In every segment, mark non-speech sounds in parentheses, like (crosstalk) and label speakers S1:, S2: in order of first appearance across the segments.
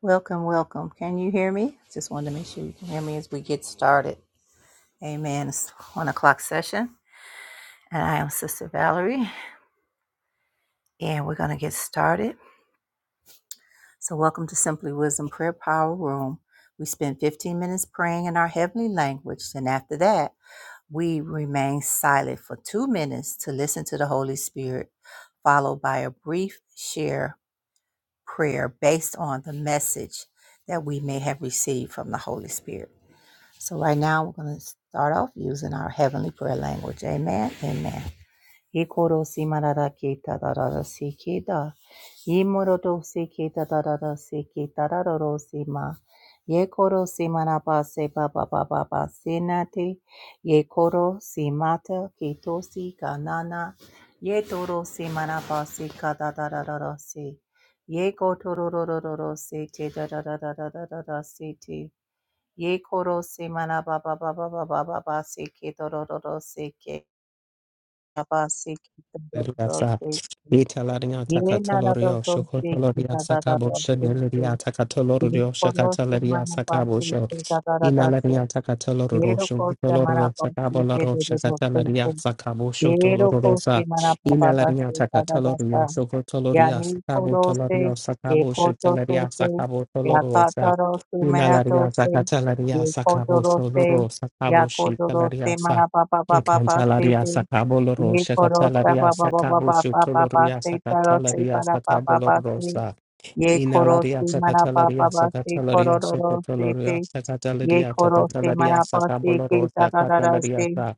S1: Welcome, welcome. Can you hear me? Just wanted to make sure you can hear me as we get started. Amen. It's one o'clock session, and I am Sister Valerie, and we're going to get started. So, welcome to Simply Wisdom Prayer Power Room. We spend 15 minutes praying in our heavenly language, and after that, we remain silent for two minutes to listen to the Holy Spirit, followed by a brief share prayer based on the message that we may have received from the Holy Spirit. So right now we're going to start off using our heavenly prayer language. Amen. Amen. Ikoro simarara kita darara sikida. Imorodo sikita darara sikita dararo sima. Yekoro simanaba seba baba baba sinate. Yekoro simata kitosi kanana. Yetoro simanaba sikada dararo si. Yekotororororo si te darara darara si Ye koro se mana ba ba ba ba ba ba ba ba se ke do do do do se ke ba ba se ke do do do do
S2: Lasa,
S1: se ke
S2: Italaria
S1: ye na na do
S2: Takatolorio,
S1: do se ke
S2: Shokotoloria
S1: da da da
S2: Sakabo,
S1: da se ke
S2: Shenelaria
S1: ye
S2: Takatolorio,
S1: koro se
S2: Shakatalaria
S1: mana ba
S2: Sakabo,
S1: se
S2: Sho,
S1: ke da da da da se
S2: Inalaria
S1: ye
S2: Takatoloro,
S1: ro ko se mana
S2: Shokotoloro,
S1: ba se
S2: Sakabo,
S1: de
S2: Laro,
S1: de de do se ke
S2: Shakatalaria Sakabo,
S1: ye ro ko se
S2: Shotolorosa,
S1: mana ba ba ba
S2: Inalaria
S1: se da da da sa
S2: Takatolorio,
S1: ya
S2: Shokotoloria
S1: ni
S2: Sakabo,
S1: koro se,
S2: Tolorio,
S1: ye
S2: Sakabo,
S1: koto se
S2: Shetelaria
S1: se,
S2: Sakabo,
S1: ya
S2: Tolorosa,
S1: katoro se manato
S2: Inalaria
S1: se, ye
S2: Sakatalaria Sakabo,
S1: kodoro se,
S2: Soloro,
S1: ya
S2: Sakabo,
S1: kodoro se
S2: Shitalaria
S1: mana pa pa pa pa pa se
S2: Cantalaria
S1: te,
S2: sacabolo
S1: ye
S2: rosa,
S1: koro sa pa
S2: catalaria
S1: pa pa pa
S2: sacabo
S1: pa pa pa pa
S2: sutoloria
S1: se taro se
S2: sacatalaria
S1: para pa pa
S2: sacabolo
S1: pa se,
S2: rosa.
S1: ye koro
S2: Inalaria
S1: se mana pa pa
S2: sacatalaria
S1: pa se
S2: sacatalaria
S1: kororo se te,
S2: sacatalaria
S1: ye
S2: sacatalaria
S1: koro se
S2: sacatalaria
S1: se
S2: sacabolo
S1: ke ta
S2: rosa,
S1: ta ta ta
S2: catalaria
S1: se,
S2: sa.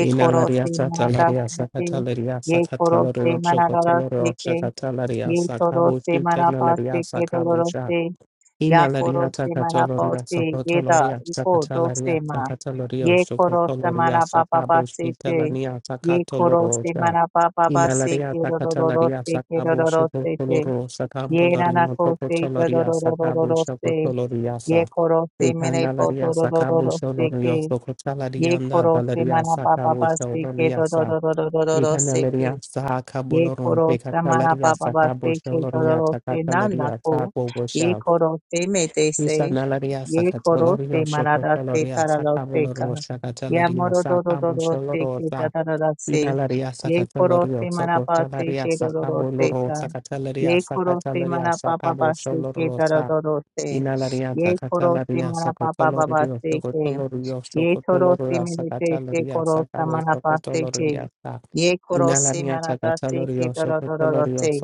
S2: Inalaria sacatalaria sacatalaria sacatalaria sacatalaria sacatalaria sacabo
S1: Yetorose manapase
S2: sutolaria sacabo
S1: kedorose
S2: Ina laria
S1: yakorose
S2: takatoloria
S1: manapose yeda
S2: sokotoloria
S1: iko
S2: sakatalaria
S1: dosema
S2: sakataloria
S1: yekorose
S2: sokotoloria sakabo
S1: manapapapase te
S2: shitalania
S1: yekorose
S2: sakatoloroja. Ina
S1: manapapapase
S2: laria takatalaria
S1: kedorose
S2: sakabo
S1: kedorose te
S2: sokotoloro sakamboloria
S1: yenanakose
S2: sokotoloria sakabo
S1: tedorororose
S2: sokotoloria sa.
S1: yekorose
S2: Ukana laria sakabo
S1: menepotorororose ke
S2: solorio
S1: ye
S2: sokotalarianda
S1: koro se
S2: dalaria sakabo
S1: manapapapaste ke
S2: soloria
S1: yekorose
S2: sa.
S1: manapapapase
S2: Ikana
S1: kedorororose
S2: laria
S1: ye
S2: sakaboloron
S1: koro samara
S2: pekatalaria
S1: baba ba se
S2: sakabo
S1: ke
S2: soloria
S1: dororo se nana
S2: takatalaria
S1: ko ye
S2: sakobosha.
S1: koro se me te se
S2: Isanalaria
S1: ye koro se
S2: Sakatolorio
S1: marada se
S2: Shokotoloria
S1: tarara se ka
S2: Sakamoloro
S1: ya
S2: Sakatalaria
S1: moro dororo
S2: Sakamu
S1: dororo se ke
S2: Sholorosa
S1: tarara se
S2: Inalaria
S1: ye koro se
S2: Sakatolorio
S1: maraba se
S2: Sokotalaria
S1: ke dororo se
S2: Sakamoloro
S1: ka
S2: Sakatalaria
S1: ye koro se
S2: Sakatalaria
S1: maraba baba
S2: Sakamu
S1: se ke
S2: Sholorosa
S1: dororo se
S2: Inalaria
S1: ye koro se
S2: Sakatalaria
S1: maraba baba
S2: Sakotolorio
S1: se ke
S2: Shokotolorio
S1: Ye toro
S2: Shokotoloria
S1: simirete se
S2: Sakatalaria
S1: koro
S2: Sakamu
S1: samana pase te.
S2: Shokotoloria Sa
S1: Ye koro
S2: Inalaria
S1: simana da se ke
S2: Sakatalorio
S1: da da da da da
S2: Shokotolorio
S1: se.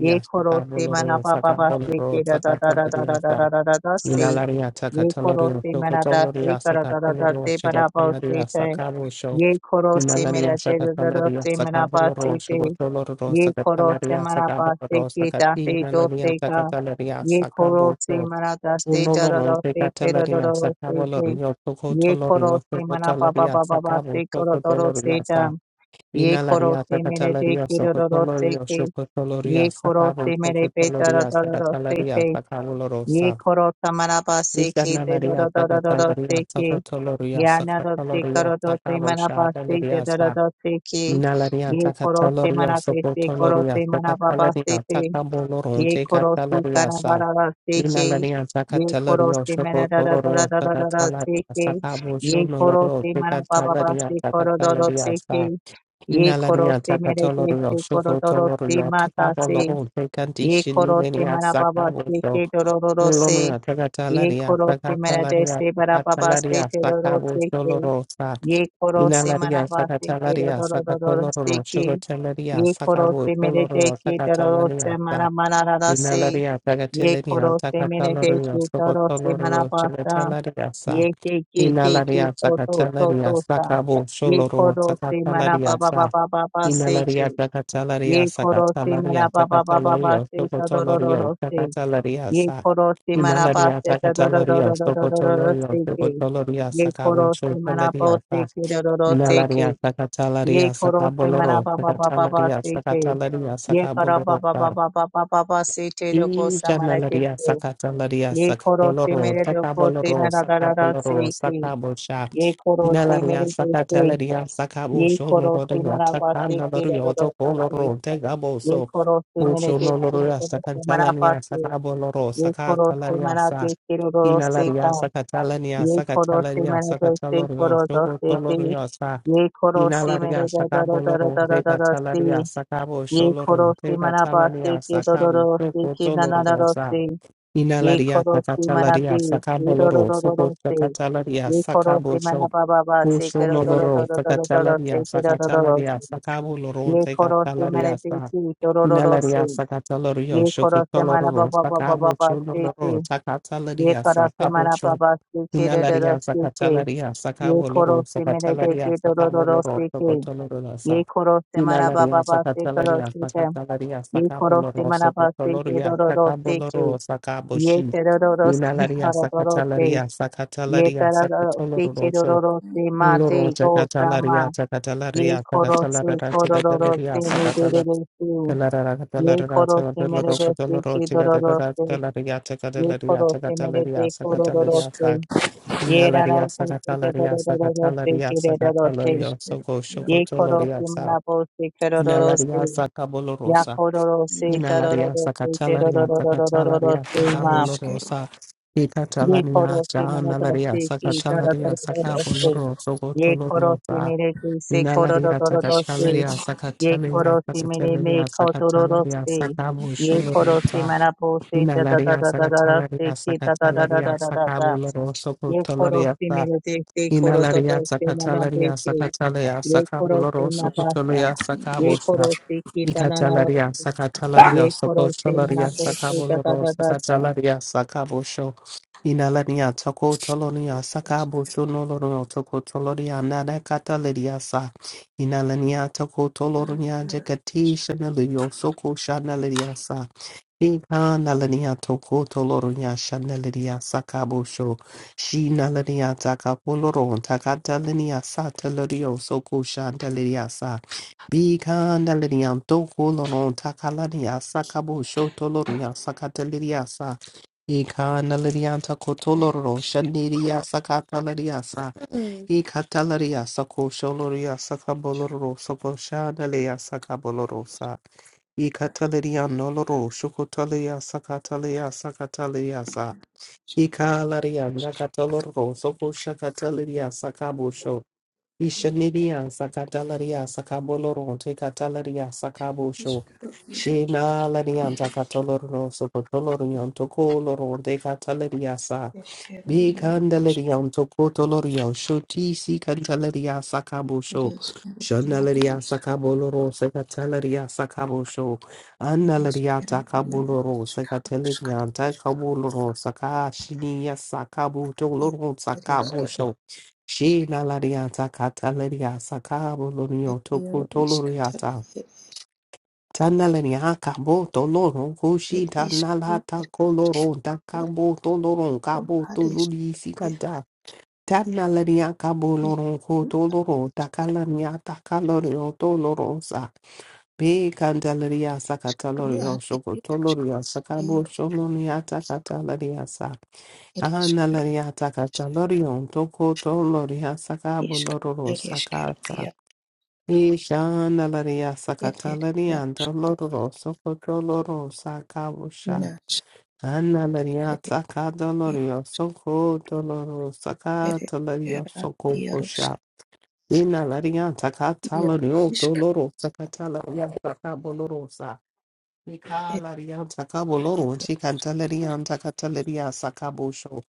S1: Ye koro simana
S2: Sakamoloro
S1: ba ba ba se
S2: Sakamoloro
S1: ke da da da da da
S2: Sakatalaria
S1: da da
S2: Sa
S1: da da da da se.
S2: Nalaria
S1: Ye koro
S2: Takatalorio
S1: simana da se
S2: Sokotoloria
S1: ka da da da da
S2: Sakatalorio
S1: se ba da ba se
S2: Shigatalaria
S1: te.
S2: Sakabo Show
S1: Ye koro
S2: Nalaria
S1: simira te da da da
S2: Sakatalaria
S1: simana ba se
S2: Sakaboloro
S1: te.
S2: Shigotoloro
S1: ये खोरो से
S2: Sakatalaria
S1: मरा पास से
S2: Sakaboloro
S1: की
S2: Sakati
S1: ताते
S2: Nalaria
S1: से का
S2: Sakatalaria
S1: ये खोरो
S2: Sakabo
S1: से
S2: Show
S1: मरा दास्ते
S2: Unoloro
S1: तररो से तेरो
S2: Sakatalaria
S1: दरो से थे
S2: Sakabolorio
S1: ये खोरो
S2: Sokotolorio
S1: से मरा पापा
S2: Sokotalaria
S1: पापा पास
S2: Sakabo
S1: से करो तरो से
S2: Sokotoloria
S1: ता
S2: Sa
S1: ये खोरो
S2: Inalaria
S1: से मेरे
S2: Sakatalaria
S1: देखे दरो से
S2: Sokotolorio
S1: के
S2: Sokotoloria
S1: ये खोरो
S2: Sakabo
S1: से मेरे पे तरो
S2: Sokotoloria
S1: तरो से
S2: Sakatalaria
S1: थे ये
S2: Sakaboloro
S1: खोरो से मरा पास से की ते
S2: Ishanalaria
S1: दरो दरो दरो से
S2: Sakatalaria
S1: के
S2: Sakotoloria
S1: Yanadose
S2: Sakataloria
S1: Karadose
S2: Sakabo
S1: Manabaste
S2: Shadaleria Sa
S1: Jadadose Ki
S2: Inalaria
S1: Ye Korose
S2: Sakataloria
S1: Manabeste
S2: Sokotoloria
S1: Korose Manababaste
S2: Sakatalaria
S1: Te
S2: Sakaboloron
S1: Ye Korosi
S2: Tekatalaria Sa
S1: Kanadadase Ki
S2: Inalaria
S1: Ye
S2: Sakataloria
S1: Korose
S2: Sokotoloria Sakatalaria
S1: Manadadadadadadadase Ki
S2: Sakabo
S1: Ye Korose
S2: Shonoloro Tekatalaria
S1: Manababaste
S2: Sakatalaria
S1: Korodorose
S2: Sa
S1: Ki Ye
S2: Inalaria
S1: Korose
S2: Sakatoloria
S1: Meredese Korodorose
S2: Sokotoloria
S1: Matase
S2: Takaboloron
S1: Ye
S2: Tekandishin Lenia Sakabo Lomia
S1: Ye
S2: Tagatalaria,
S1: khoro se mera
S2: Sakatalaria,
S1: desi bara baba se
S2: Sakatalaria,
S1: the doros
S2: Sakabo
S1: se ki
S2: Soloro, Sa,
S1: ye khoro se mera
S2: Inalaria,
S1: basta ki dor
S2: Sakatalaria,
S1: dor dor dor se
S2: Sakatoloro,
S1: ki
S2: Sugartalaria,
S1: ye khoro
S2: Sakabo
S1: se mera des
S2: Soloro,
S1: ki doros se
S2: Sakatalaria,
S1: mera
S2: Sa,
S1: mera rasa
S2: Inalaria,
S1: ye
S2: Tagatilia,
S1: khoro se mera des
S2: Sakatalorio,
S1: ki doros se mera
S2: Sogotoloro,
S1: basta
S2: Sugartalaria, Sa,
S1: ye the ki the ki
S2: Inalaria,
S1: so so so
S2: Sakatalaria,
S1: so sa
S2: Sakabo
S1: ye
S2: Soloro,
S1: khoro se mera baba
S2: Sakatalaria,
S1: baba baba se
S2: Inalaria
S1: ki ye
S2: Sakatalaria
S1: khoro se mera
S2: Sakatalaria
S1: baba baba baba
S2: Sakatalaria
S1: se the dor dor
S2: Sokotolorio
S1: dor se.
S2: Sakatalaria
S1: Ye
S2: Sa
S1: koro si manapa
S2: Inalaria
S1: se da da da da
S2: Sakatalaria
S1: da da da da da da se
S2: Sokotolorio
S1: ke.
S2: Sokotoloria
S1: Ye koro si manapa
S2: Sakabunchalaria
S1: se
S2: Sa
S1: ke da da da se ke.
S2: Inalaria
S1: Ye
S2: Sakatalaria
S1: koro si
S2: Sakaboloro
S1: manapa ba ba ba ba
S2: Sakatalaria
S1: se ke.
S2: Sakatalaria
S1: Ye koro ba
S2: Sakaboloro
S1: ba ba
S2: Sa
S1: ba ba ba ba ba se te do ko samara te
S2: Ijanalaria
S1: ke.
S2: Sakatalaria
S1: Ye koro si
S2: Sakatoloro
S1: mere do ko se na
S2: Takaboloro
S1: da da da da
S2: Sakaboloro
S1: se ke.
S2: Sakabosha
S1: Ye koro si
S2: Nalaria
S1: mere do se.
S2: Sakatelaria Sakabo
S1: Ye
S2: Shono
S1: koro si
S2: Rodoya
S1: manapa se
S2: Takana
S1: ke da
S2: Lario
S1: da da
S2: Toko
S1: se ke.
S2: Loro Tegabo
S1: Ye
S2: So
S1: koro si mere
S2: Osho
S1: do
S2: no
S1: se
S2: Loria
S1: ko manapa
S2: Sakantalania
S1: se.
S2: Sakabo Loro
S1: ये खोरो से
S2: Sakatalaria
S1: मना
S2: Sa
S1: ते तेरे रोरो से का
S2: Inalaria Sakatalania
S1: ये खोरो से
S2: Sakatalaria
S1: मेरे दर से
S2: Sakatalorio
S1: खोरो दो
S2: Shoko
S1: से से
S2: Tolorio Sa
S1: ये खोरो से मेरे
S2: Inalaria
S1: दर दर
S2: Sakabo
S1: दर
S2: Loro
S1: दर दर दर से
S2: Tegatalaria Sakabo
S1: ये खोरो
S2: Sholoro
S1: से मना पास से
S2: Tegatalania
S1: के दो दो
S2: Sakabo
S1: दो से
S2: Shoko
S1: के ना ना
S2: Toloro
S1: दो
S2: Sa
S1: से ये
S2: Inalaria
S1: खोरो से मना ते
S2: Sakatalaria
S1: ये
S2: Sakabo
S1: दो दो
S2: Loro
S1: दो दो
S2: Soko
S1: दो से
S2: Sakatalaria
S1: ये खोरो से
S2: Sakabo
S1: मना पा पा पा से
S2: Uso
S1: करो दो दो दो
S2: lororo,
S1: दो दो दो दो
S2: sacatalaria,
S1: से के दो दो दो दो
S2: sacatalaria,
S1: से
S2: sacabo loron,
S1: ये खोरो से मेरे
S2: sacatalaria,
S1: दे से दो दो दो दो
S2: inalaria,
S1: से
S2: sacatalario,
S1: ये खोरो से मना पा
S2: chocotoloro,
S1: पा पा पा
S2: sacabo
S1: पा से
S2: choloro,
S1: ye
S2: sacatalaria,
S1: kara se
S2: sacabo
S1: mara
S2: cho,
S1: baba se kere de ro
S2: inalaria,
S1: se ke
S2: sacatalaria,
S1: ye
S2: sacabo
S1: koro
S2: loro,
S1: se mere de
S2: sacatalaria,
S1: ke do ro ro
S2: sacabo
S1: ro
S2: loro,
S1: se ke
S2: socotoloro,
S1: ye
S2: sa,
S1: koro se mara baba
S2: inalaria,
S1: ba se koro
S2: sacatalaria,
S1: se ke
S2: sacatalaria,
S1: ye
S2: sacabo
S1: koro se
S2: loro,
S1: mara ba se ke
S2: socotoloria,
S1: do ro ro
S2: sacabo
S1: se ke
S2: loro, sacabo
S1: ye
S2: chi,
S1: te ro ro ro se
S2: inalaria,
S1: kara do ro se
S2: sacatalaria,
S1: (laughs) ye ta
S2: sacatalaria,
S1: ra ro se ke do
S2: sacatoloro,
S1: ro ro se ma te
S2: Uloro
S1: do sa ma
S2: chakatalaria
S1: ye
S2: chakatalaria
S1: koro se
S2: chakatalarara
S1: koro ro ro se
S2: chakatalaria
S1: me de de
S2: sakatala
S1: de se
S2: kalarara
S1: ye
S2: katalarara
S1: koro se mere
S2: chakataloro
S1: de se ke
S2: kataloro
S1: do ro ro
S2: chakatalora
S1: se
S2: chakatalaria
S1: ye
S2: chakatalaria
S1: koro se mere
S2: chakatalaria
S1: de koro ro ro
S2: sakatalaria
S1: se
S2: sak
S1: Ye ra ra
S2: inalaria
S1: po se te ra
S2: sakatalaria
S1: ra ra ra ro se
S2: sakatalaria
S1: ke re ra ro se.
S2: sakatalaria soko
S1: Ye ko ro se
S2: shokotoloria
S1: ma ra
S2: sa
S1: po se ke ro ro ro se.
S2: inalaria
S1: Ya
S2: sakabolorosa
S1: ko ro ro se ta ro ro
S2: inalaria
S1: ro se te ro ro
S2: sakatalaria
S1: ro ro ro ro ro ro
S2: sakatalaria
S1: se ma.
S2: sakabolorosa
S1: Ye ko
S2: Ikatalania,
S1: ro se ma ra ro
S2: Jahanalaria,
S1: se ke ta ra ra
S2: Sakatalaria,
S1: ra ro se.
S2: Sakaboloro,
S1: Ye ko se
S2: Sogotolorosa,
S1: me ke se ko ro ro
S2: Nalaria
S1: ro ro se.
S2: Sakatalaria
S1: Ye ko
S2: Sakatalaria
S1: se me me
S2: Sakatalaria
S1: ko to ro ro
S2: Sakatalaria
S1: se.
S2: Sakabo
S1: Ye ko se
S2: Sholorosa.
S1: ma po se ta ta ta
S2: Inalaria
S1: ta ta ta ra
S2: Sakatalaria
S1: se ke ta ta ta ta
S2: Sakatalaria
S1: ta ta ta.
S2: Sakabo Loroso
S1: ये खोरो
S2: Cotalaria.
S1: से मेरे देखते खोरो तो
S2: Inalaria
S1: तो से मना
S2: Sakatalaria
S1: देखे
S2: Sakatalaria
S1: ये
S2: Sakabo
S1: खोरो से
S2: Loroso
S1: माता सा
S2: Cotalaria
S1: ये
S2: Sakabosa.
S1: खोरो से की तना ना रो
S2: Icatalaria
S1: से
S2: Sakatalaria
S1: ये खोरो से मना
S2: Sokotalaria
S1: पो से
S2: Sakabo
S1: तता
S2: Lorosa
S1: तता ता
S2: Catalaria Sakabo ina toko tolo ni a saka busu no no toko tolo ni a nana sa. Ina toko tolo jekati shana leni o soko shana sa. Ika na toko tolo ni a shana leni a saka busu. Shi na taka poloro on sa ta leni o soko shana sa. Bika na toko loro on takala ni a saka busu sa. Ikanalarianta kotoloro shaniria sakatalariasa. Ikatalariasa kosholoriasa kaboloro sokoshadaleasa kabolorosa. Ikatalarianoloro shukotaliasa kataliasa kataliasa. Ikalariana katoloro sokoshakatalariasa kabosho. Ishanidia sakatalaria sakaboloro tekatalaria sakabosho. Shina ladian takatoloro sokotolorion tokoloro dekatalaria sa. Bikandelerion tokotolorion shoti si cantalaria sakabosho. Shandalaria sakaboloro sekatalaria sakabosho. Annalaria takaboloro sekatalaria takaboloro sakashinia sakabotoloro sakabosho. She na lariata kataleria sakabo lorio toko toloriata. Tanalenia cabo toloro koshi tanalata coloro da cabo toloro cabo toluri sicanda. Tanalenia cabo loron co toloro da calaniata calorio dolorosa. Be candeleria sacatalorio socotoloria sacabo soloniata catalariasa. Ana laria takata lorion toko to loria sakabo lororo sakata. Ishana laria sakata larianta lororo soko to loro sakabo sha. Ana laria takata lorio soko to loro sakata laria soko sha. Ina laria takata lorio to loro sakata laria sakabo lorosa. Nikalarian takabo lorun tikantalerian takataleria sakabo sho.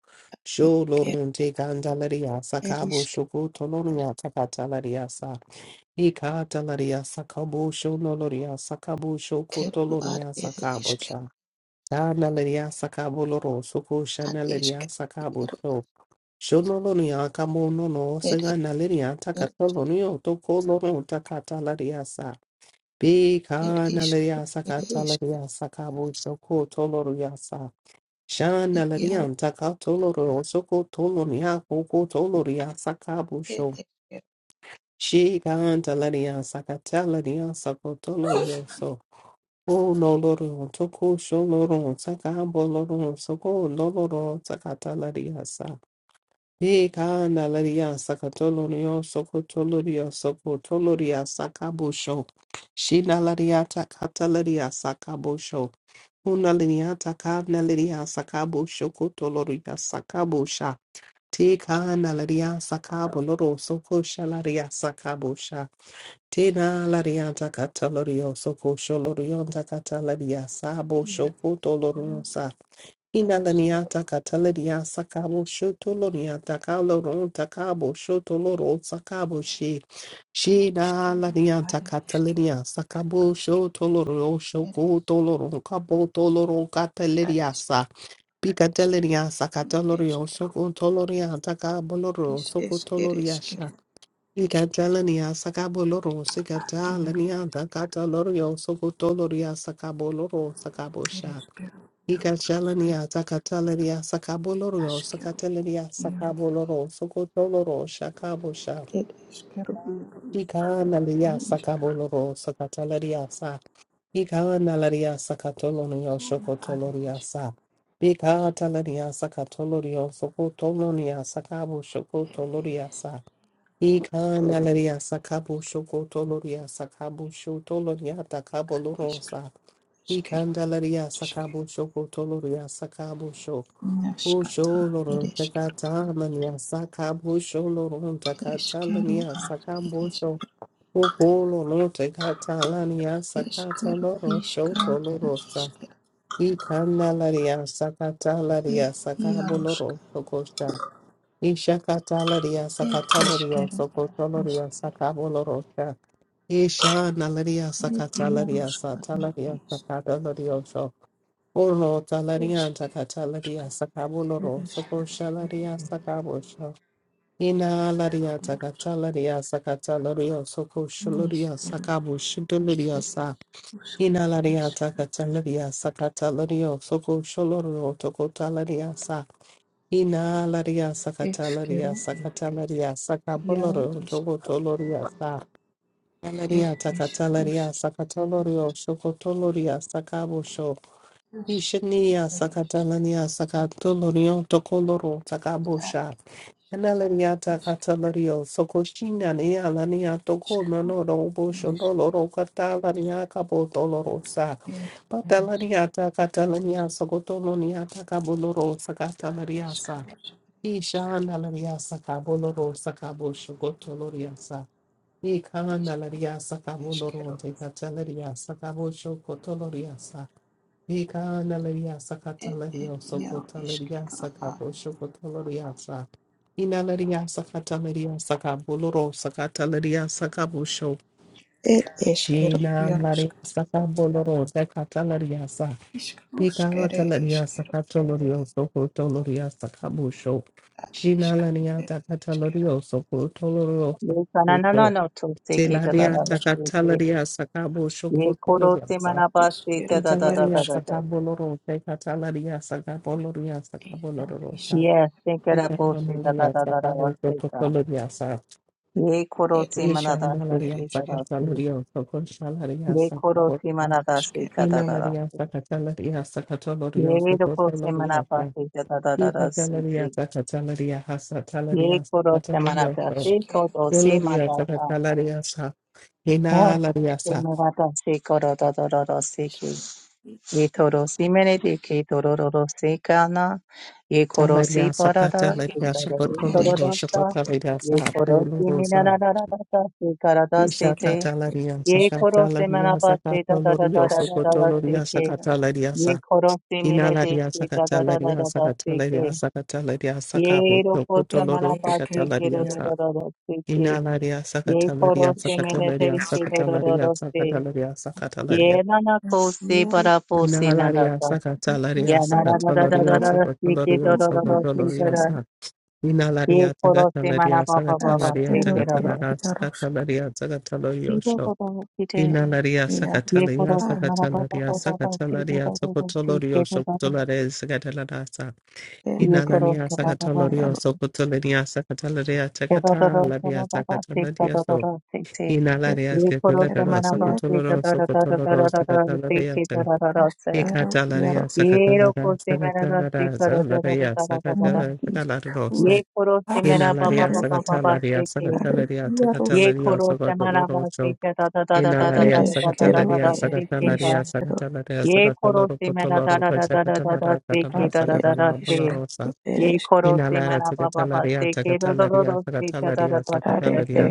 S2: Sho lorun tikantaleria sakabo shoko tolonia takataleria sa. Ikataleria sakabo sho noloria sakabo shoko tolonia sakabo cha. Tanaleria sakabo loro soko shanaleria sakabo sho. Sho nolonia kamo nono senganaleria takatolonio toko lorun takataleria sa. Bika nalaria saka talaria saka soko toloria sa. Shana larian taka toloro soko toloria koko toloria saka busho. Shikan talaria saka talaria sako tolorio so. O noloro toko sholoro saka boloro soko loloro saka talaria sa. Ye kana laria sakatolo nio sokotolo ria sokotolo ria sakabosho. Shina laria takata laria sakabosho. Una laria takana laria sakabosho kotolo ria sakabosha. Te kana laria sakaboloro sokosha laria sakabosha. Te na laria takata laria sokosho laria takata laria sabosho kotolo Inalaniata catalaria sacabo shotoloniata caloron tacabo shotoloro sacabo she. She da laniata catalaria sacabo shotoloro shoco toloron cabo toloro cataleriasa. Picateleria sacatalorio soco toloriata caboloro soco toloriasha. Picatelania sacaboloro sicatalaniata catalorio soco toloria sacaboloro sacabosha. Igashalania, Zakatalaria, Sakaboloro, Sakatalaria, Sakaboloro, Sokotoloro, Shakabosha, Ikanalia, Sakaboloro, Sakatalaria, Sa, Ikanalaria, Sakatolonia, Shokotoloria, Sa, Ikatalaria, Sakatolorio, Sokotolonia, Sakabo, Shokotoloria, Sa, Ikanalaria, Sakabo, Shokotoloria, Sakabo, Shotoloria, Takaboloro, Sa, Ikandalaria, Sakabo, Shokotoloria, Sakabo, Sho, Busholorum takatamania saka busholorum takatalania saka busho bukololum takatalania sakataloro shotolorosa ikanalaria sakatalaria sakaboloro sokosha ishakatalaria sakatalorio sokotolorio sakabolorosa ishanalaria sakatalaria satalaria sakatalorio Olo talaria takatalaria sakaboloro soko shalaria sakabosho. Ina laria takatalaria sakatalario soko shaloria sakabo shidalaria sa. Ina laria takatalaria sakatalario soko shaloro toko talaria sa. Ina laria sakatalaria sakatalaria sakaboloro toko toloria sa. Laria takatalaria sakatolorio soko toloria sakabosho. Ishania sakatalania sakatolorio tokoloro takabosha. Analania takatalario sokoshina nia lania toko nonoro bosho doloro katalania kabotolorosa. Patalania takatalania sokotolonia takaboloro sakatalariasa. Isha analaria sakaboloro sakabosho gotoloriasa. Ika analaria sakaboloro tekatalariasa kabosho kotoloriasa. Vikanalaria sakatalaria sokotalaria sakabo shokotalaria sa. Inalaria sakatalaria sakaboloro sakatalaria sakabosho. Jina laria sakaboloro sakatalaria sa. Vikatalaria sakatalaria sokotalaria sakabosho. Jina laria sakatalaria sokotalaria
S1: ये तना ना ना
S2: sakabosho.
S1: ना तो से की तता
S2: Telaria
S1: तता से के
S2: sakatalaria
S1: ये खोरो से
S2: sa
S1: मना पास से तता तता
S2: Italaria
S1: तता ता
S2: sakabolorose, catalaria sakaboloria sakabolorosa,
S1: ये से करा पो से तता
S2: Italaria
S1: तता ता
S2: sakabo
S1: से का
S2: socoloriasa,
S1: ये खोरो से मना ता से
S2: Italaria
S1: की तता से
S2: sakatalorio, socolchalaria
S1: ये खोरो से
S2: sakabosa,
S1: मना ता से का
S2: Inalaria
S1: तता
S2: sakatalaria sakatolorio,
S1: Yeh roko se mana
S2: socoloriasa,
S1: pasi jada da da da se se.
S2: Italaria sakatalaria
S1: Yeh
S2: hasatalaria
S1: koro se mana pasi
S2: sakatalorio,
S1: se koro se
S2: Doloria
S1: mada sa.
S2: sakatalaria sa,
S1: Har
S2: Inalaria
S1: se
S2: sa,
S1: mana pasi se koro da da da da se ki. Yeh toro se mene de ki toro ro ro se kana. Yeh koro se
S2: Talaria
S1: para da. Yeh
S2: sakatalaria
S1: toro re toro
S2: sakotolorio,
S1: da sa. Yeh koro se
S2: sokotalaria
S1: mina
S2: sa,
S1: da da da da da se kara da se te.
S2: Ishakatalaria
S1: Yeh koro se mana
S2: sakatalaria
S1: pasi da da da da
S2: sakatolorio
S1: da da da da se
S2: sokotoloria
S1: ki.
S2: sakatalaria
S1: Yeh
S2: sa
S1: koro se mene de
S2: inalaria
S1: ki da da da da
S2: sakatalaria
S1: da da se
S2: sakatalaria
S1: ki.
S2: sakatalaria
S1: ये
S2: sakabo
S1: रोको samana
S2: sokotoloro
S1: पास ke ro
S2: sakatalaria
S1: रो रो
S2: sa
S1: रो रो se ke.
S2: inalaria
S1: Ye koro
S2: sakatalaria
S1: se mere
S2: sakatalaria
S1: रो रो रो रो ro
S2: sakatalaria
S1: ro se.
S2: sakatalaria
S1: Ye
S2: sakatalaria
S1: nana ko se para po se nana
S2: inalaria
S1: ta.
S2: sakatalaria
S1: Ye na ra ra ra ra
S2: sakatolorio
S1: ra ra रो रो
S2: sokotolorio
S1: रो रो ro रो ro se ta
S2: sokotoloria
S1: ra.
S2: sa
S1: Ye
S2: inalaria
S1: koro se mana
S2: sakatalaria
S1: pa रो रो pa
S2: sakatalaria sakatalaria
S1: रो रो रो ro.
S2: sakatalaria
S1: Si ro
S2: sakatalorio
S1: ro ro si te.
S2: Inalaria
S1: Ye
S2: sakatalaria
S1: koro se mana रो रो रो
S2: sakatalaria
S1: रो pa रो रो रो ro ro se
S2: sakatalaria sokotolorio
S1: ke ro ro
S2: sokotolare sakatalarasa. Inalania sakatolorio sokotolenia sakatalaria
S1: ये खोरो से
S2: sakatalaria
S1: मना पापा पास से के
S2: sakatalaria
S1: दो दो
S2: so. Inalaria skakulero sokotoloro sokotoloro sakatalaria sa. Ikatalaria sakatalara sakatalara sakalaria sakatalararo so. Inalaria sakatalaria sakatalaria sakatalaria sokotoloro so. Ilalaria sakatalaria sakatalaria sakatalaria sakatoloro potoloro sakatalara katala sakatala bolorosa. Inalara sakatalaria sakatalaria
S1: दो से दा दा
S2: sakatalaria
S1: दा दा
S2: sakatalaria
S1: से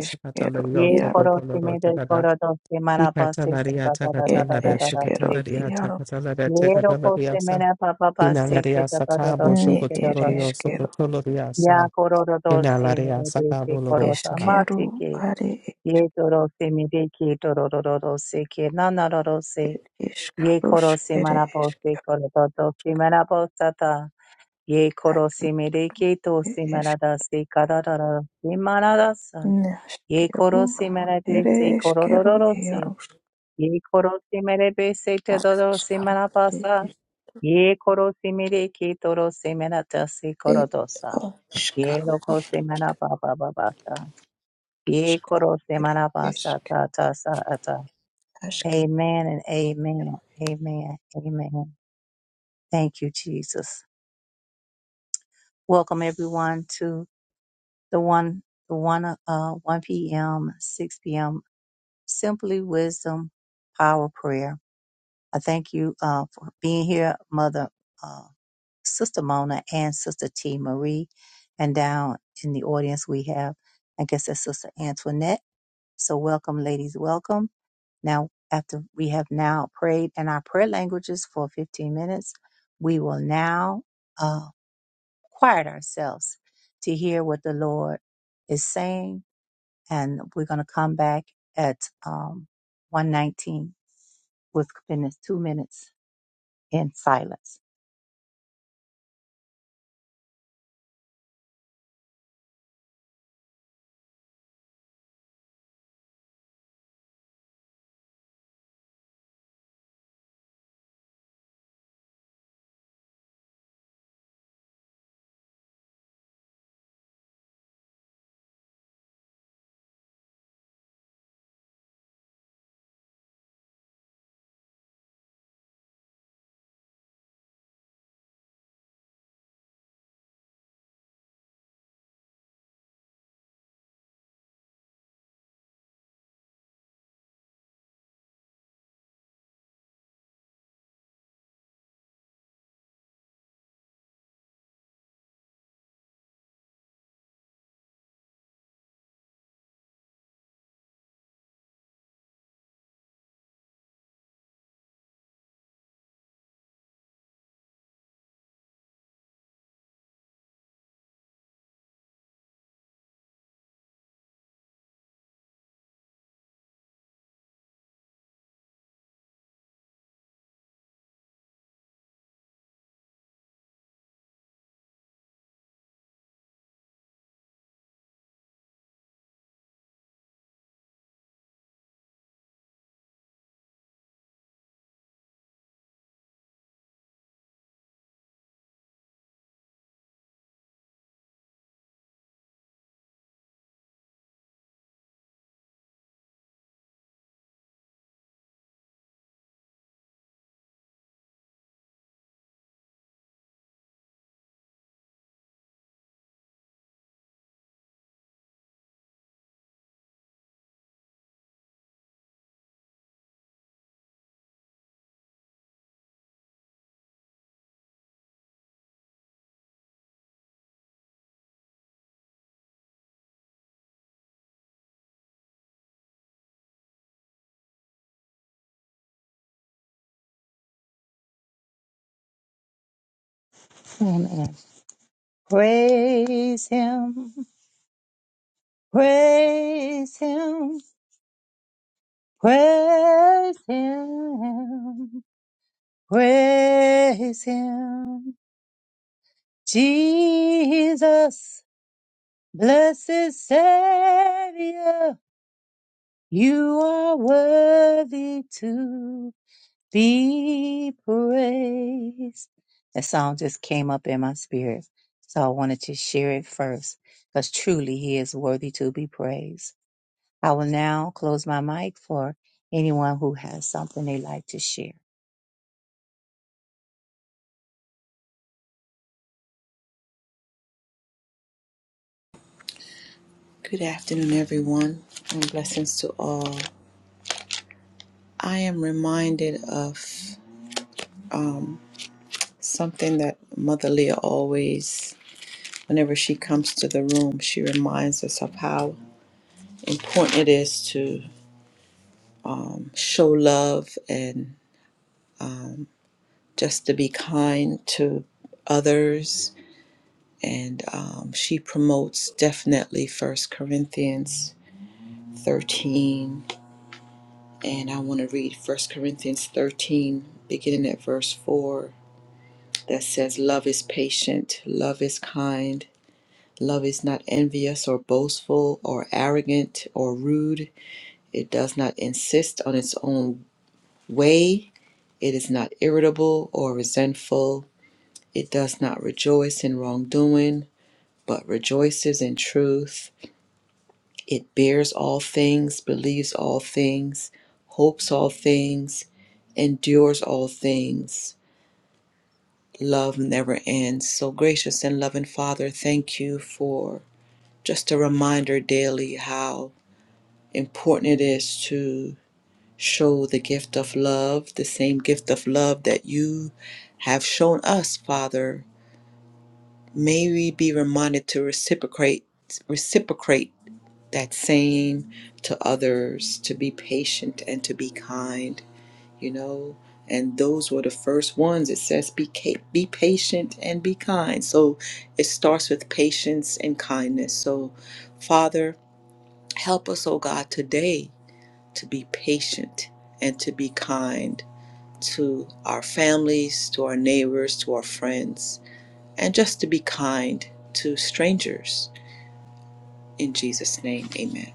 S1: Ye
S2: sakatalaria
S1: koro si
S2: sokotoloro
S1: me de
S2: sakata.
S1: koro do si mana pa si ta
S2: Kikatalaria
S1: ta ta ta ta ta ta
S2: sakatalaria
S1: ta ta si ti.
S2: sakatalaria sakatalaria
S1: Ye ro ko si
S2: sakatalaria
S1: me
S2: sa.
S1: na pa pa pa si ki
S2: Inalaria
S1: ta ta ta ta
S2: sakabo
S1: si ki ta ta ta
S2: sokotolorio
S1: si.
S2: sokotoloria
S1: Ya
S2: sa.
S1: koro do do si me
S2: Inalaria
S1: de de ki koro ta
S2: sakabolorosa.
S1: ma ti ki. Ye to ro si me de ki to ro ro ro ro si ki na na ro ro si. Ye koro si mana po si koro do do si mana po sa ta. Ye koro si me de ki to si mana da si ka da da da si mana da sa. Ye koro si mana de si koro ro ro ro si ye korosi mere be se te dodo si pasa, ye korosi mere ki toro si mena tasi korodosa, ye loko si mana baba babasa, ye korosi mana pasa ta ta sa ata. Amen and amen, amen, amen. Thank you, Jesus. Welcome everyone to the one, the one, uh, 1 p.m., 6 p.m. Simply Wisdom Power Prayer. I thank you, uh, for being here, Mother. uh, Sister Mona and Sister T. Marie. And down in the audience, we have, I guess that's Sister Antoinette. So welcome, ladies, welcome. Now, after we have now prayed in our prayer languages for 15 minutes, we will now uh, quiet ourselves to hear what the Lord is saying. And we're going to come back at um, 119 with goodness, two minutes in silence. Amen. Praise Him. Praise him, praise him, praise him. Jesus, blessed Savior, you are worthy to be praised. That song just came up in my spirit, so I wanted to share it first, because truly he is worthy to be praised. I will now close my mic for anyone who has something they'd like to share.
S3: It does not insist on its own way. It is not irritable or resentful. It does not rejoice in wrongdoing, but rejoices in truth. It bears all things, believes all things, hopes all things, endures all things. Love never ends. So, gracious and loving Father, thank you for just a reminder daily how important it is to show the gift of love, the same gift of love that you have shown us, Father. May we be reminded to reciprocate reciprocate that same to others, to be patient and to be kind, you know. And those were the first ones. It says be ca- be patient and be kind. So it starts with patience and kindness. So Father, help us, oh God, today to be patient and to be kind to our families, to our neighbors, to our friends, and just to be kind to strangers. In Jesus' name, amen.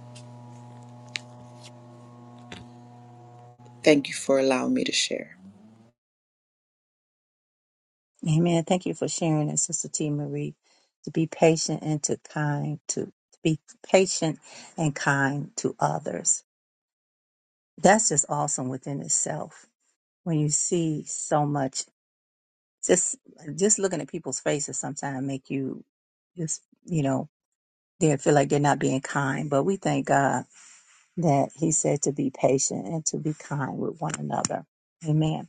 S3: Thank you for allowing me to share.
S1: Amen. Thank you for sharing it, Sister T. Marie. To be patient and to kind to, to be patient and kind to others. That's just awesome within itself. When you see so much, just just looking at people's faces sometimes make you just you know they feel like they're not being kind. But we thank God that He said to be patient and to be kind with one another. Amen.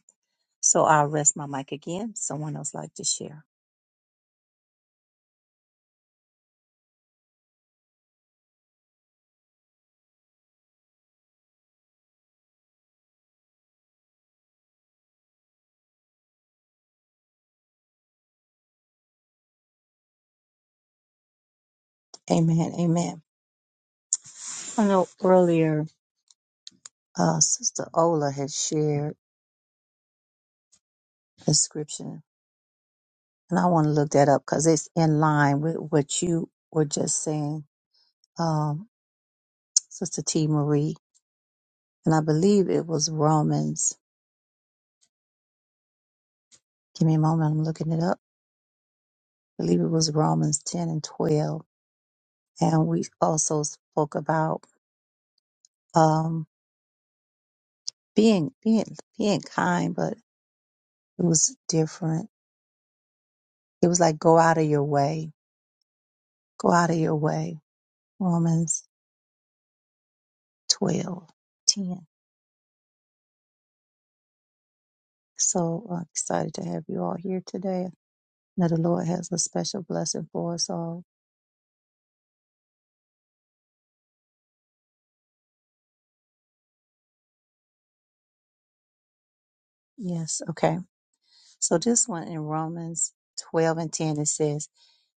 S1: So I'll rest my mic again. Someone else like to share. Amen. Amen. I know earlier, uh, Sister Ola had shared the scripture, and I want to look that up because it's in line with what you were just saying, um, Sister T. Marie. And I believe it was Romans. Give me a moment. I'm looking it up. I believe it was Romans 10 and 12. And we also spoke about, um, being, being, being kind, but it was different. He was like, go out of your way. Go out of your way. Romans 12 10. So uh, excited to have you all here today. Now the Lord has a special blessing for us all. Yes. Okay. So this one in Romans 12 and 10, it says,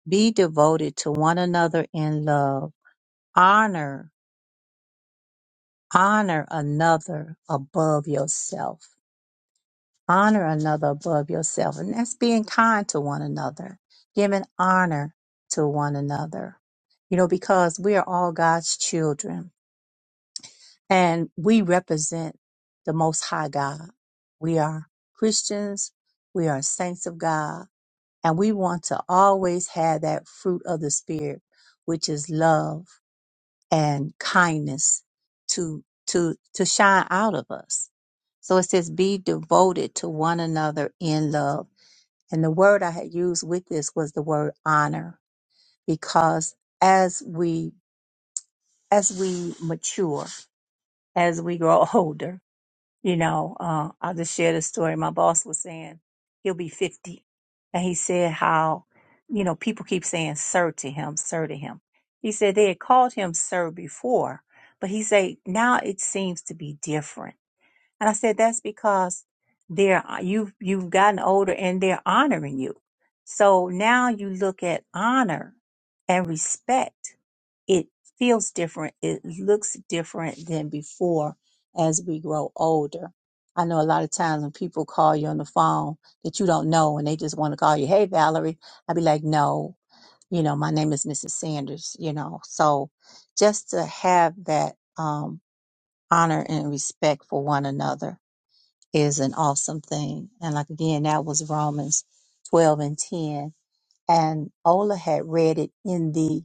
S1: be devoted to one another in love. Honor, honor another above yourself. honor another above yourself. And that's being kind to one another, giving honor to one another. You know, because we are all God's children and we represent the Most High God. We are Christians, we are saints of God, and we want to always have that fruit of the Spirit, which is love and kindness to, to, to shine out of us. So it says, be devoted to one another in love and the word I had used with this was the word honor, because as we as we mature, as we grow (laughs) older, you know, uh, I just share the story. My boss was saying he'll be fifty, and he said how you know people keep saying sir to him, sir to him. He said they had called him sir before, but he said now it seems to be different and I said, that's because they're uh, you've you've gotten older and they're honoring you. So now you look at honor and respect. It feels different. It looks different than before as we grow older. I know a lot of times when people call you on the phone that you don't know and they just want to call you, hey Valerie, I'd be like, no, you know, my name is Mrs. Sanders, you know. So just to have that um honor and respect for one another is an awesome thing. And like again, that was Romans 12 and 10. And Ola had read it in the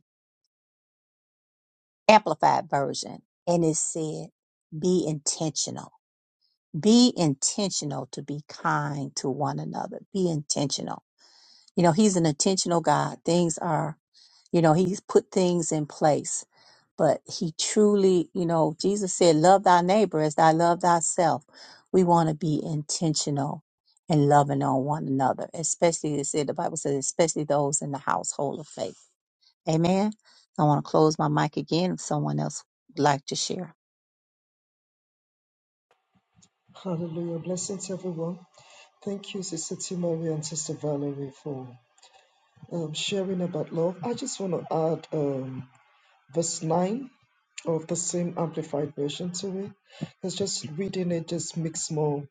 S1: amplified version and it said, be intentional. Be intentional to be kind to one another. Be intentional. You know, he's an intentional God. Things are You know, he's put things in place, but he truly, you know, Jesus said, Love thy neighbor as thy love thyself. We want to be intentional and loving on one another, especially, it said, the Bible says, especially those in the household of faith. Amen. I want to close my mic again if someone else would like to share.
S4: Hallelujah. Blessings, everyone. Thank you, Sister Timori and Sister Valerie, for um, sharing about love. I just want to add um, verse 9 of the same amplified version to it. Because just reading it just makes more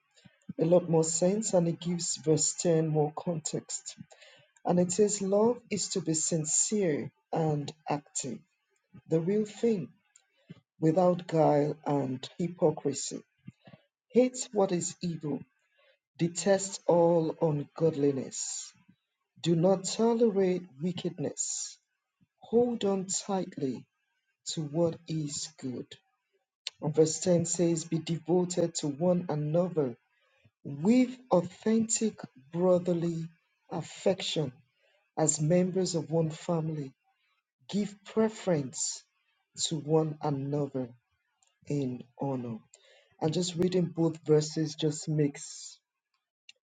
S4: a lot more sense and it gives verse 10 more context. And it says, Love is to be sincere and active, the real thing, without guile and hypocrisy. Hates what is evil Detest all ungodliness. Do not tolerate wickedness. Hold on tightly to what is good. And verse 10 says, Be devoted to one another with authentic brotherly affection as members of one family. Give preference to one another in honor. And just reading both verses just makes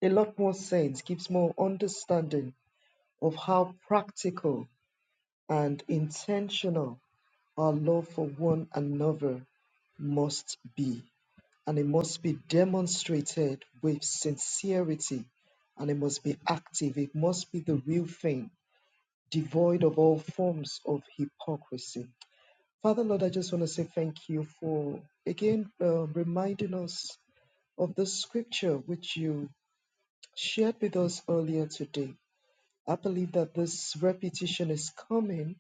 S4: a lot more sense, gives more understanding of how practical and intentional our love for one another must be. And it must be demonstrated with sincerity and it must be active. It must be the real thing, devoid of all forms of hypocrisy. Father Lord, I just want to say thank you for again uh, reminding us of the scripture which you shared with us earlier today. I believe that this repetition is coming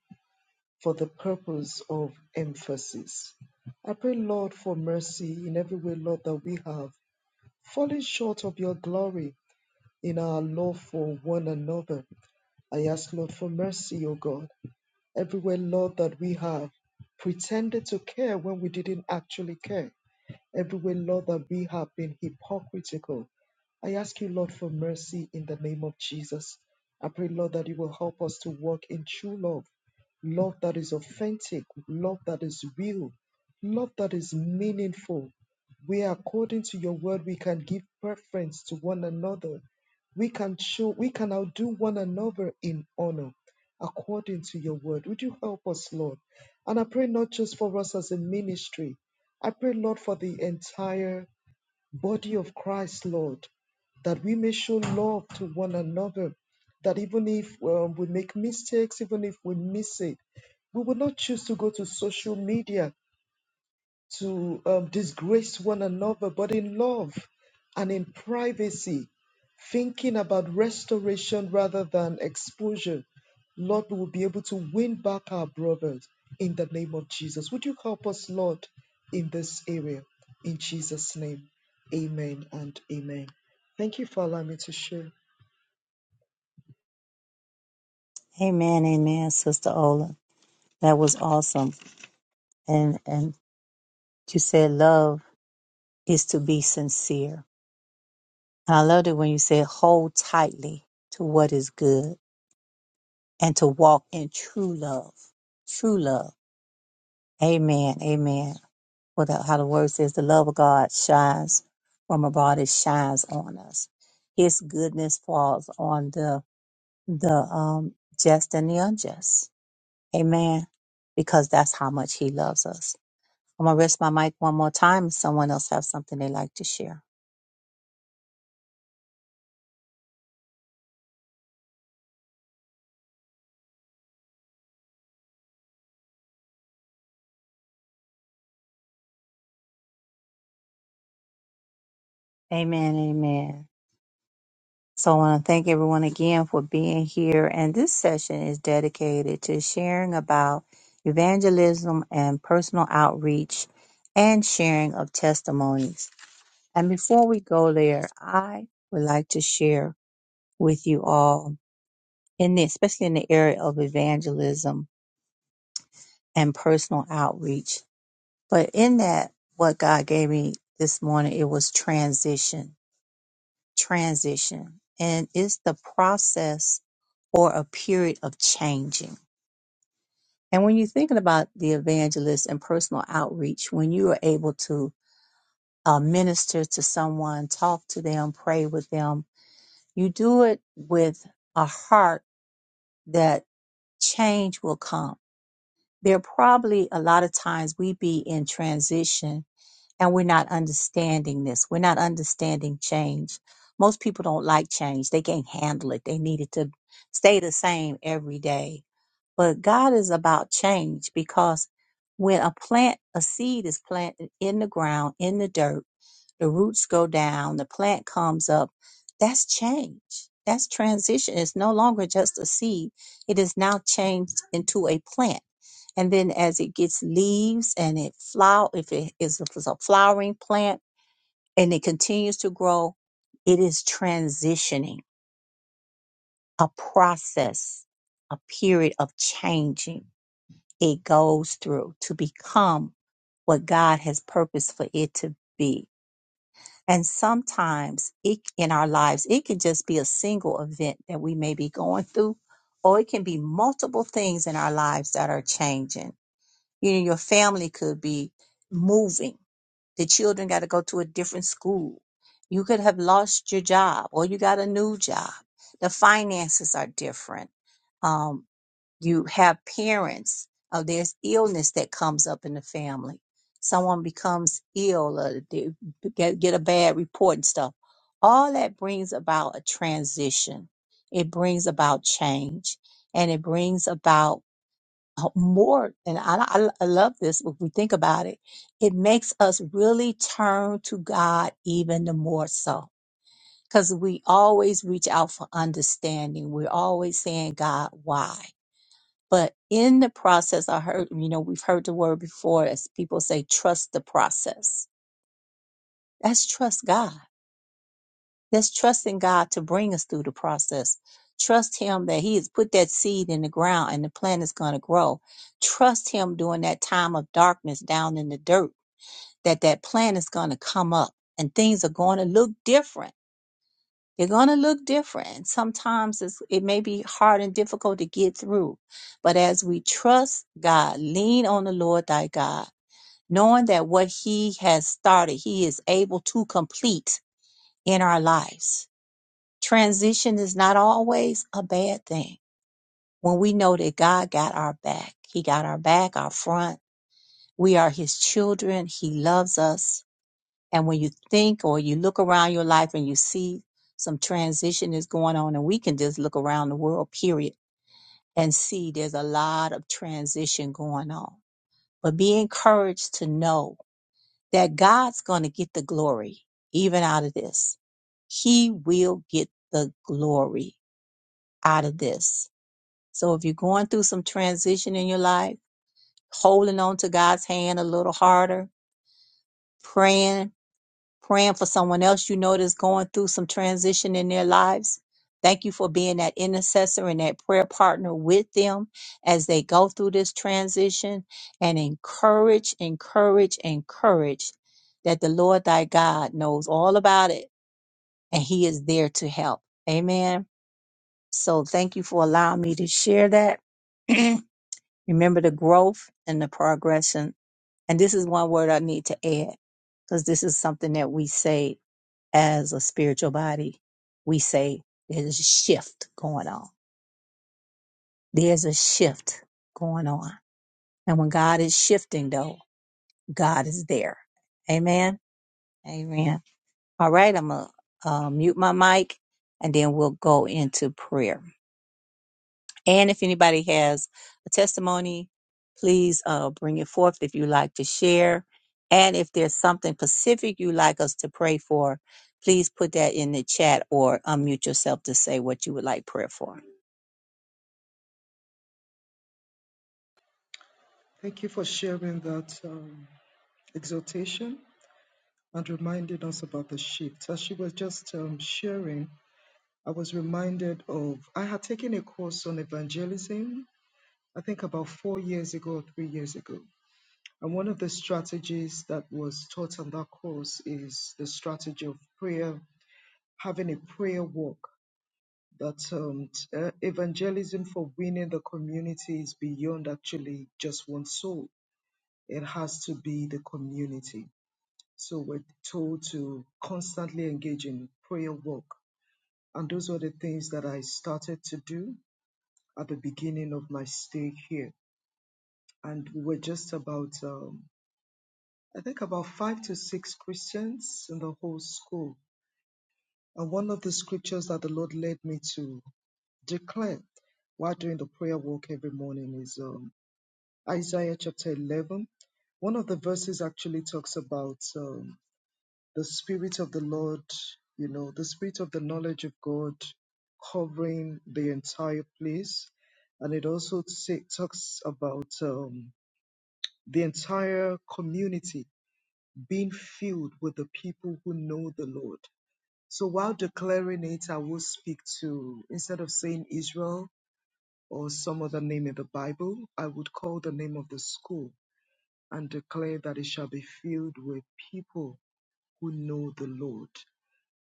S4: for the purpose of emphasis. I pray, Lord, for mercy in every way, Lord, that we have fallen short of your glory in our love for one another. I ask, Lord, for mercy, O God, everywhere, Lord, that we have pretended to care when we didn't actually care. Everywhere, Lord, that we have been hypocritical, I ask you, Lord, for mercy in the name of Jesus. I pray, Lord, that you will help us to walk in true love, love that is authentic, love that is real, love that is meaningful, where according to your word we can give preference to one another. We can show, we can outdo one another in honor according to your word. Would you help us, Lord? And I pray not just for us as a ministry, I pray, Lord, for the entire body of Christ, Lord, that we may show love to one another, that even if um, we make mistakes, even if we miss it, we will not choose to go to social media to um, disgrace one another, but in love and in privacy, thinking about restoration rather than exposure. Lord, we will be able to win back our brothers in the name of Jesus. Would you help us, Lord, in this area? In Jesus' name, amen and amen. Thank you for allowing me to share.
S1: Amen. Amen, Sister Ola. That was awesome. And, and you said love is to be sincere. And I loved it when you said hold tightly to what is good. and to walk in true love. True love. Amen. Amen. For the, how the word says, the love of God shines from abroad. It shines on us. His goodness falls on the, the, um, just and the unjust. Amen. Because that's how much he loves us. I'm going to rest my mic one more time. Someone else have something they like to share. Amen. Amen. So I want to thank everyone again for being here. And this session is dedicated to sharing about evangelism and personal outreach and sharing of testimonies. And before we go there, I would like to share with you all in the, especially in the area of evangelism and personal outreach. But in that, what God gave me this morning, it was transition transition and it's the process or a period of changing. And when you're thinking about the evangelist and personal outreach, when you are able to uh, minister to someone, talk to them, pray with them, you do it with a heart that change will come. There probably a lot of times we be in transition and we're not understanding this. We're not understanding change. Most people don't like change. They can't handle it. They need it to stay the same every day. But God is about change because when a plant, a seed is planted in the ground, in the dirt, the roots go down, the plant comes up. That's change. That's transition. It's no longer just a seed. It is now changed into a plant. And then as it gets leaves and it flower, if it is if it's a flowering plant and it continues to grow, it is transitioning, a process, a period of changing it goes through to become what God has purposed for it to be And sometimes it, in our lives, it can just be a single event that we may be going through, or it can be multiple things in our lives that are changing. You know, your family could be moving. The children got to go to a different school. You could have lost your job or you got a new job. The finances are different. Um, you have parents uh, there's illness that comes up in the family someone becomes ill or they get, get a bad report and stuff all that brings about a transition it brings about change and it brings about uh, more and I, I, I love this if we think about it it makes us really turn to god even the more so because we always reach out for understanding we're always saying god why but in the process, I heard, you know, we've heard the word before as people say, trust the process. That's trust God. That's trusting God to bring us through the process. Trust Him that He has put that seed in the ground and the plant is going to grow. Trust Him during that time of darkness down in the dirt that that plant is going to come up and things are going to look different They're going to look different. Sometimes it's, it may be hard and difficult to get through. But as we trust God, lean on the Lord thy God, knowing that what he has started, he is able to complete in our lives. Transition is not always a bad thing when we know that God got our back. He got our back, our front. We are his children. He loves us and when you think or you look around your life and you see some transition is going on, and we can just look around the world, period, and see there's a lot of transition going on. But be encouraged to know that God's going to get the glory even out of this. He will get the glory out of this. So if you're going through some transition in your life, holding on to God's hand a little harder, praying praying for someone else you know that's going through some transition in their lives. Thank you for being that intercessor and that prayer partner with them as they go through this transition and encourage, encourage, encourage that the Lord thy God knows all about it and he is there to help. Amen. So thank you for allowing me to share that. (clears throat) Remember the growth and the progression. And this is one word I need to add because this is something that we say as a spiritual body, we say there's a shift going on. There's a shift going on. And when God is shifting, though, God is there. Amen. Amen. All right, I'm going to uh, mute my mic and then we'll go into prayer. And if anybody has a testimony, please uh, bring it forth if you like to share. And if there's something specific you'd like us to pray for, please put that in the chat or unmute yourself to say what you would like prayer for.
S4: Thank you for sharing that um, exhortation and reminding us about the shift. As she was just um, sharing, I was reminded of, I had taken a course on evangelism, I think about four years ago or three years ago. And one of the strategies that was taught on that course is the strategy of prayer, having a prayer walk. That um, t- uh, evangelism for winning the community is beyond actually just one soul, it has to be the community. So we're told to constantly engage in prayer walk. And those were the things that I started to do at the beginning of my stay here, and we were just about, um, I think, about five to six Christians in the whole school. And one of the scriptures that the Lord led me to declare while doing the prayer walk every morning is um, Isaiah chapter 11. One of the verses actually talks about um, the Spirit of the Lord, you know, the Spirit of the knowledge of God covering the entire place. And it also say, talks about um, the entire community being filled with the people who know the Lord. So while declaring it, I will speak to, instead of saying Israel or some other name in the Bible, I would call the name of the school and declare that it shall be filled with people who know the Lord.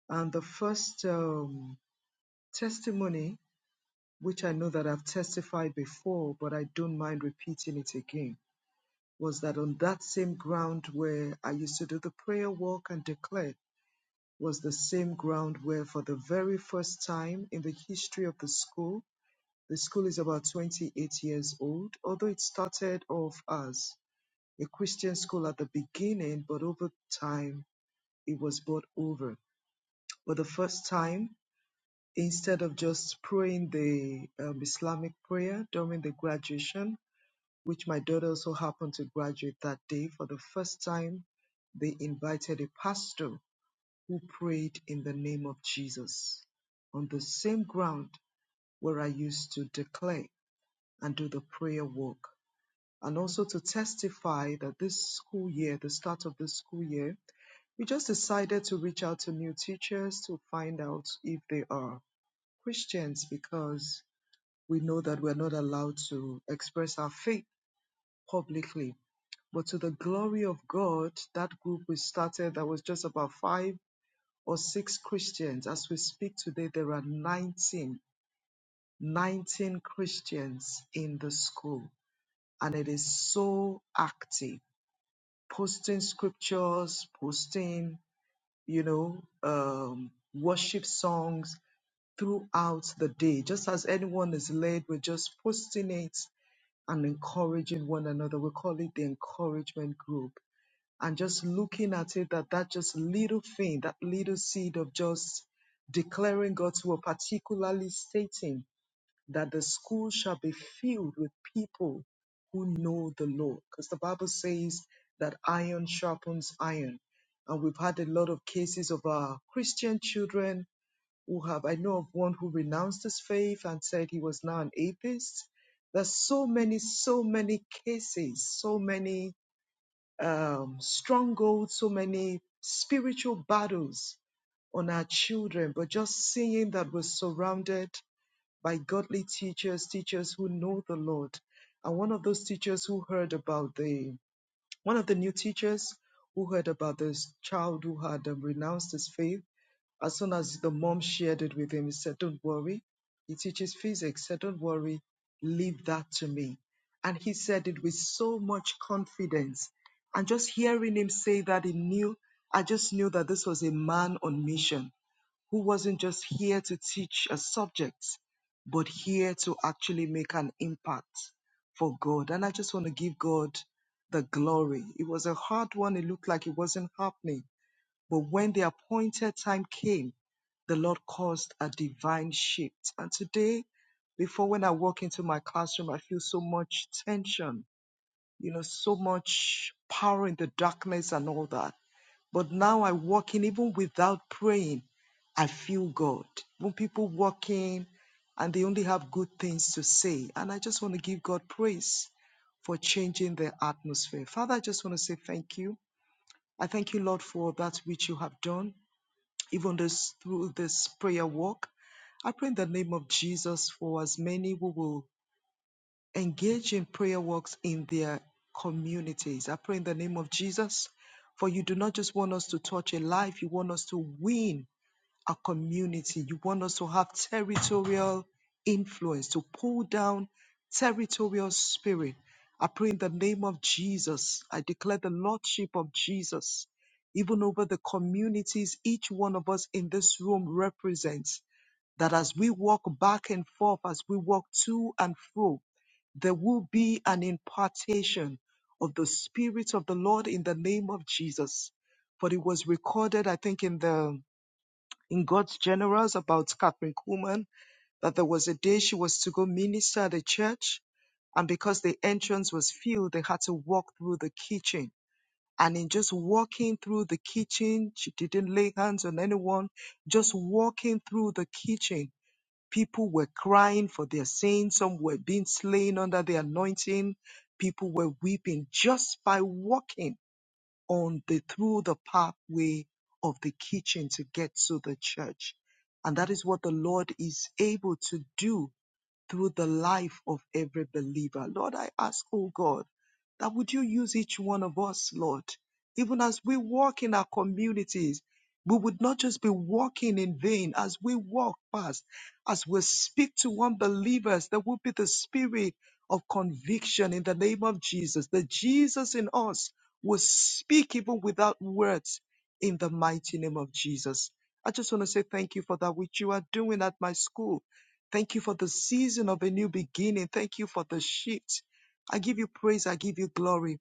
S4: And the first um, testimony, which I know that I've testified before, but I don't mind repeating it again was that on that same ground where I used to do the prayer walk and declare was the same ground where, for the very first time in the history of the school, the school is about 28 years old, although it started off as a Christian school at the beginning, but over time it was bought over. For the first time, instead of just praying the um, Islamic prayer during the graduation, which my daughter also happened to graduate that day. For the first time, they invited a pastor who prayed in the name of Jesus on the same ground where I used to declare and do the prayer work. And also to testify that this school year, the start of the school year, we just decided to reach out to new teachers to find out if they are Christians because we know that we're not allowed to express our faith publicly But to the glory of God, that group we started, that was just about five or six Christians. As we speak today, there are 19, 19 Christians in the school. And it is so active, posting scriptures, posting, you know, um, worship songs throughout the day. Just as anyone is led, we're just posting it and encouraging one another. We call it the encouragement group and just looking at it that that just little thing that little seed of just declaring god's word particularly stating that the school shall be filled with people who know the lord because the bible says that iron sharpens iron and we've had a lot of cases of our christian children who have i know of one who renounced his faith and said he was now an atheist there's so many so many cases so many um, strongholds, so many spiritual battles on our children, but just seeing that we're surrounded by godly teachers, teachers who know the Lord. And one of those teachers who heard about the, one of the new teachers who heard about this child who had um, renounced his faith as soon as the mom shared it with him, he said, Don't worry. He teaches physics. Said, Don't worry. Leave that to me. And he said it with so much confidence. And just hearing him say that, he knew, I just knew that this was a man on mission who wasn't just here to teach a subject, but here to actually make an impact for God. And I just want to give God the glory. It was a hard one. It looked like it wasn't happening. But when the appointed time came, the Lord caused a divine shift. And today, before when I walk into my classroom, I feel so much tension, you know, so much power in the darkness and all that. But now I walk in, even without praying, I feel God. When people walk in and they only have good things to say, and I just want to give God praise for changing the atmosphere. Father, I just want to say thank you. I thank you, Lord, for that which you have done even this through this prayer walk. I pray in the name of Jesus for as many who will engage in prayer walks in their communities. I pray in the name of Jesus for you do not just want us to touch a life, you want us to win a community. You want us to have territorial influence, to pull down territorial spirit. I pray in the name of Jesus. I declare the Lordship of Jesus, even over the communities each one of us in this room represents. That as we walk back and forth, as we walk to and fro, there will be an impartation of the Spirit of the Lord in the name of Jesus. For it was recorded, I think, in the in God's Generals about Catherine Kuhlman, that there was a day she was to go minister at the church. And because the entrance was filled, they had to walk through the kitchen. And in just walking through the kitchen, she didn't lay hands on anyone, just walking through the kitchen. People were crying for their sins. Some were being slain under the anointing. People were weeping just by walking on the through the pathway of the kitchen to get to the church. And that is what the Lord is able to do through the life of every believer. Lord, I ask, oh God, that would you use each one of us, Lord, even as we walk in our communities, we would not just be walking in vain as we walk past, as we speak to unbelievers, there will be the spirit of conviction in the name of Jesus. The Jesus in us will speak even without words in the mighty name of Jesus. I just want to say thank you for that which you are doing at my school. Thank you for the season of a new beginning. Thank you for the shift. I give you praise. I give you glory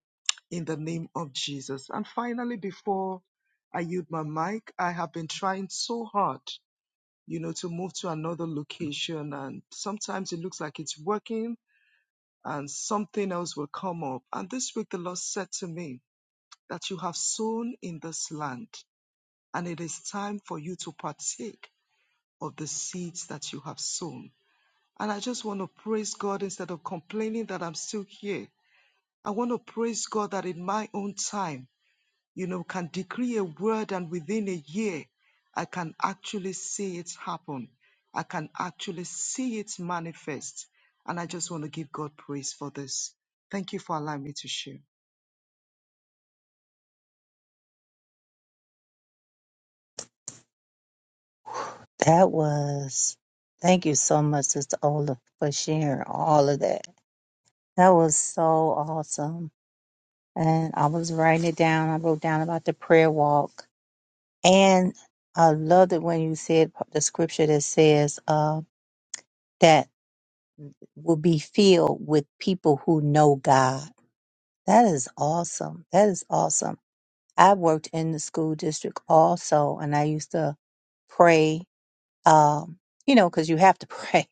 S4: in the name of Jesus. And finally, before I yield my mic, I have been trying so hard, you know, to move to another location. And sometimes it looks like it's working and something else will come up. And this week, the Lord said to me that you have sown in this land and it is time for you to partake of the seeds that you have sown. And I just want to praise God instead of complaining that I'm still here. I want to praise God that in my own time, you know, can decree a word and within a year, I can actually see it happen. I can actually see it manifest. And I just want to give God praise for this. Thank you for allowing me to share.
S1: That was, thank you so much, Sister Ola, for sharing all of that. That was so awesome. And I was writing it down. I wrote down about the prayer walk. And I loved it when you said the scripture that says uh, that will be filled with people who know God. That is awesome. That is awesome. I worked in the school district also, and I used to pray, um, you know, because you have to (laughs) pray,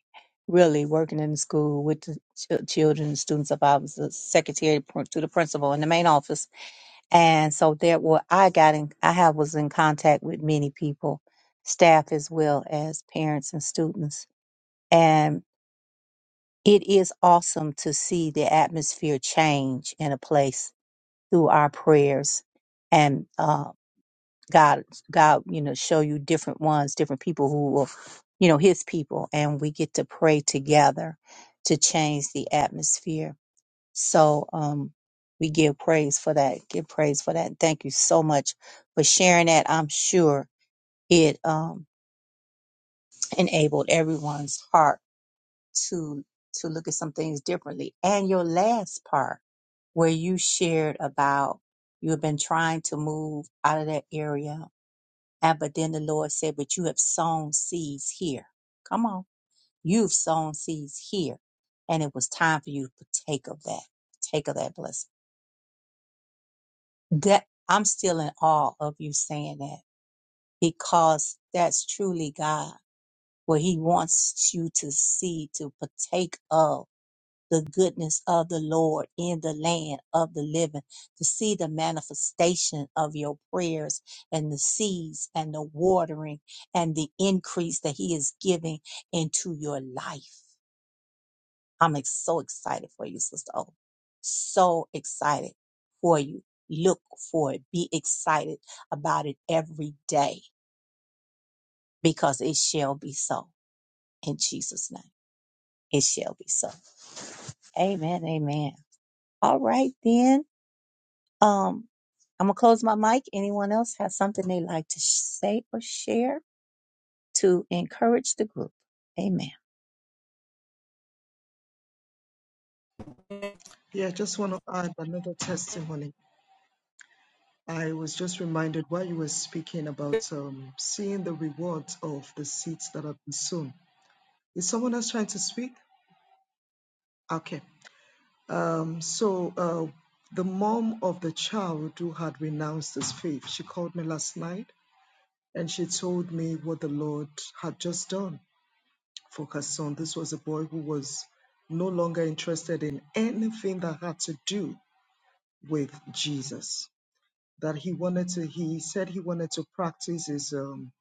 S1: really, working in the school with the ch- children and students. If I was the secretary pr- to the principal in the main office. And so there were, I got in, I have, was in contact with many people, staff as well as parents and students. It is awesome to see the atmosphere change in a place through our prayers and uh, God, God, you know, show you different ones, different people who will, you know, His people, and we get to pray together to change the atmosphere. So um, we give praise for that. Give praise for that. Thank you so much for sharing that. I'm sure it um, enabled everyone's heart to to look at some things differently. And your last part where you shared about you have been trying to move out of that area. And but then the Lord said, But you have sown seeds here. Come on. You've sown seeds here. And it was time for you to partake of that. Take of that blessing. That I'm still in awe of you saying that because that's truly God, where He wants you to see, to partake of the goodness of the Lord in the land of the living, to see the manifestation of your prayers and the seeds and the watering and the increase that He is giving into your life. I'm ex- so excited for you, Sister O. So excited for you. Look for it. Be excited about it every day because it shall be so. In Jesus' name, it shall be so. Amen. Amen. All right, then. Um, I'm gonna close my mic. Anyone else has something they'd like to sh- say or share to encourage the group? Amen.
S4: Yeah, I just want to add another testimony. I was just reminded while you were speaking about um, seeing the rewards of the seeds that have been sown. Is someone else trying to speak? Okay. Um, so uh, the mom of the child who had renounced his faith, she called me last night and she told me what the Lord had just done for her son. This was a boy who was no longer interested in anything that had to do with Jesus. That he wanted to, he said he wanted to practice his um,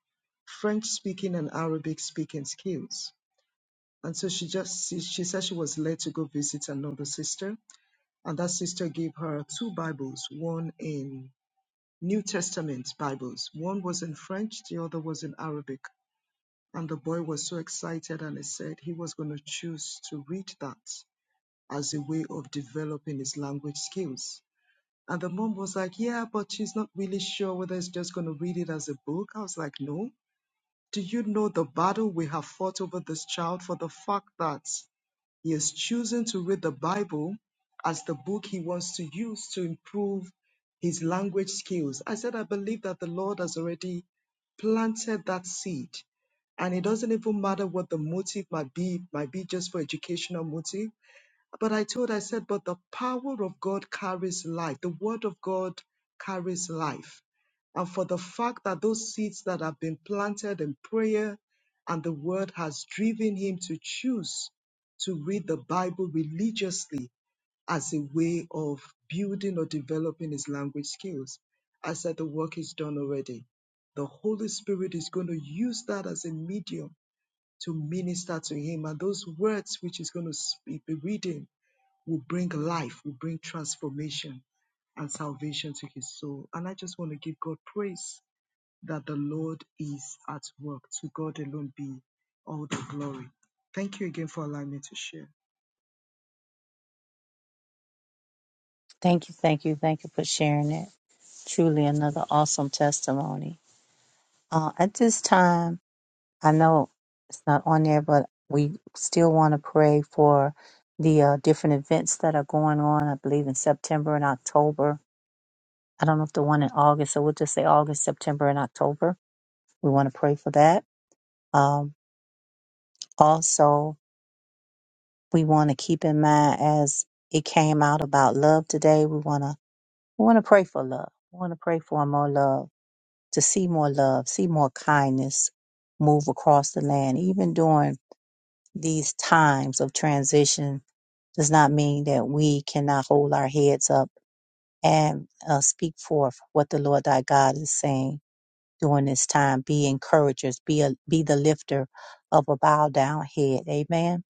S4: French speaking and Arabic speaking skills. And so she just, she, she said she was led to go visit another sister and that sister gave her two Bibles, one in New Testament Bibles. One was in French, the other was in Arabic. And the boy was so excited and he said he was going to choose to read that as a way of developing his language skills. And the mom was like, Yeah, but she's not really sure whether he's just going to read it as a book. I was like, No. Do you know the battle we have fought over this child for the fact that he is choosing to read the Bible as the book he wants to use to improve his language skills. I said, I believe that the Lord has already planted that seed. And it doesn't even matter what the motive might be, it might be just for educational motive but I told, I said, but the power of God carries life. The word of God carries life. And for the fact that those seeds that have been planted in prayer and the word has driven him to choose to read the Bible religiously as a way of building or developing his language skills. I said, the work is done already. The Holy Spirit is going to use that as a medium to minister to him. And those words which he's going to sp- be reading will bring life, will bring transformation and salvation to his soul. And I just want to give God praise that the Lord is at work. To God alone be all the glory. Thank you again for allowing me to share.
S1: Thank you, thank you, thank you for sharing it. Truly another awesome testimony. Uh, at this time, I know it's not on there, but we still want to pray for the uh, different events that are going on, I believe in September and October. I don't know if the one in August, so we'll just say August, September, and October. We want to pray for that. Um, also, we want to keep in mind as it came out about love today. We want to we want to pray for love. We want to pray for more love, to see more love, see more kindness move across the land. Even during these times of transition, does not mean that we cannot hold our heads up and uh, speak forth what the Lord thy God is saying during this time. Be encouragers. Be a, be the lifter of a bowed down head. Amen.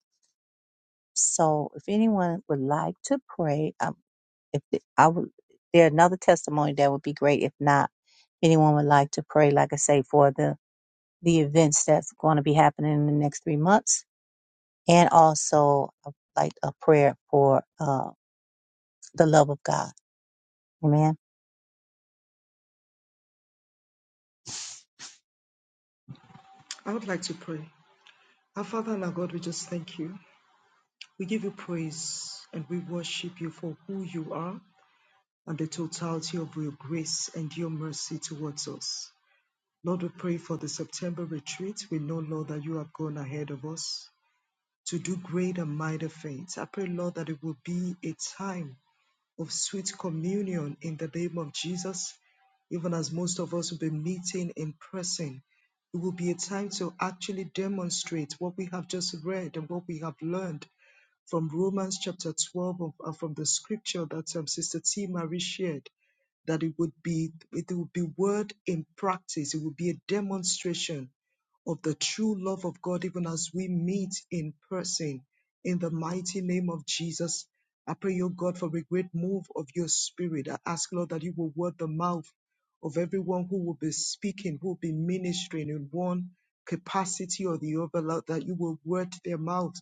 S1: So, if anyone would like to pray, If th- I would, if there another testimony that would be great. If not, anyone would like to pray, like I say, for the the events that's going to be happening in the next three months, and also uh, like a prayer for uh, the love of God. Amen.
S4: I would like to pray. Our Father and our God, we just thank you. We give you praise and we worship you for who you are and the totality of your grace and your mercy towards us. Lord, we pray for the September retreat. We know, Lord, that you have gone ahead of us. to do great and mighty things. I pray, Lord, that it will be a time of sweet communion in the name of Jesus, even as most of us will be meeting in person. It will be a time to actually demonstrate what we have just read and what we have learned from Romans chapter 12 of, uh, from the scripture that um, Sister T. Marie shared, that it would be it would be word in practice. It would be a demonstration of the true love of God, even as we meet in person. In the mighty name of Jesus, I pray, your God, for a great move of your spirit. I ask, Lord, that you will word the mouth of everyone who will be speaking, who will be ministering in one capacity or the other, Lord, that you will word their mouth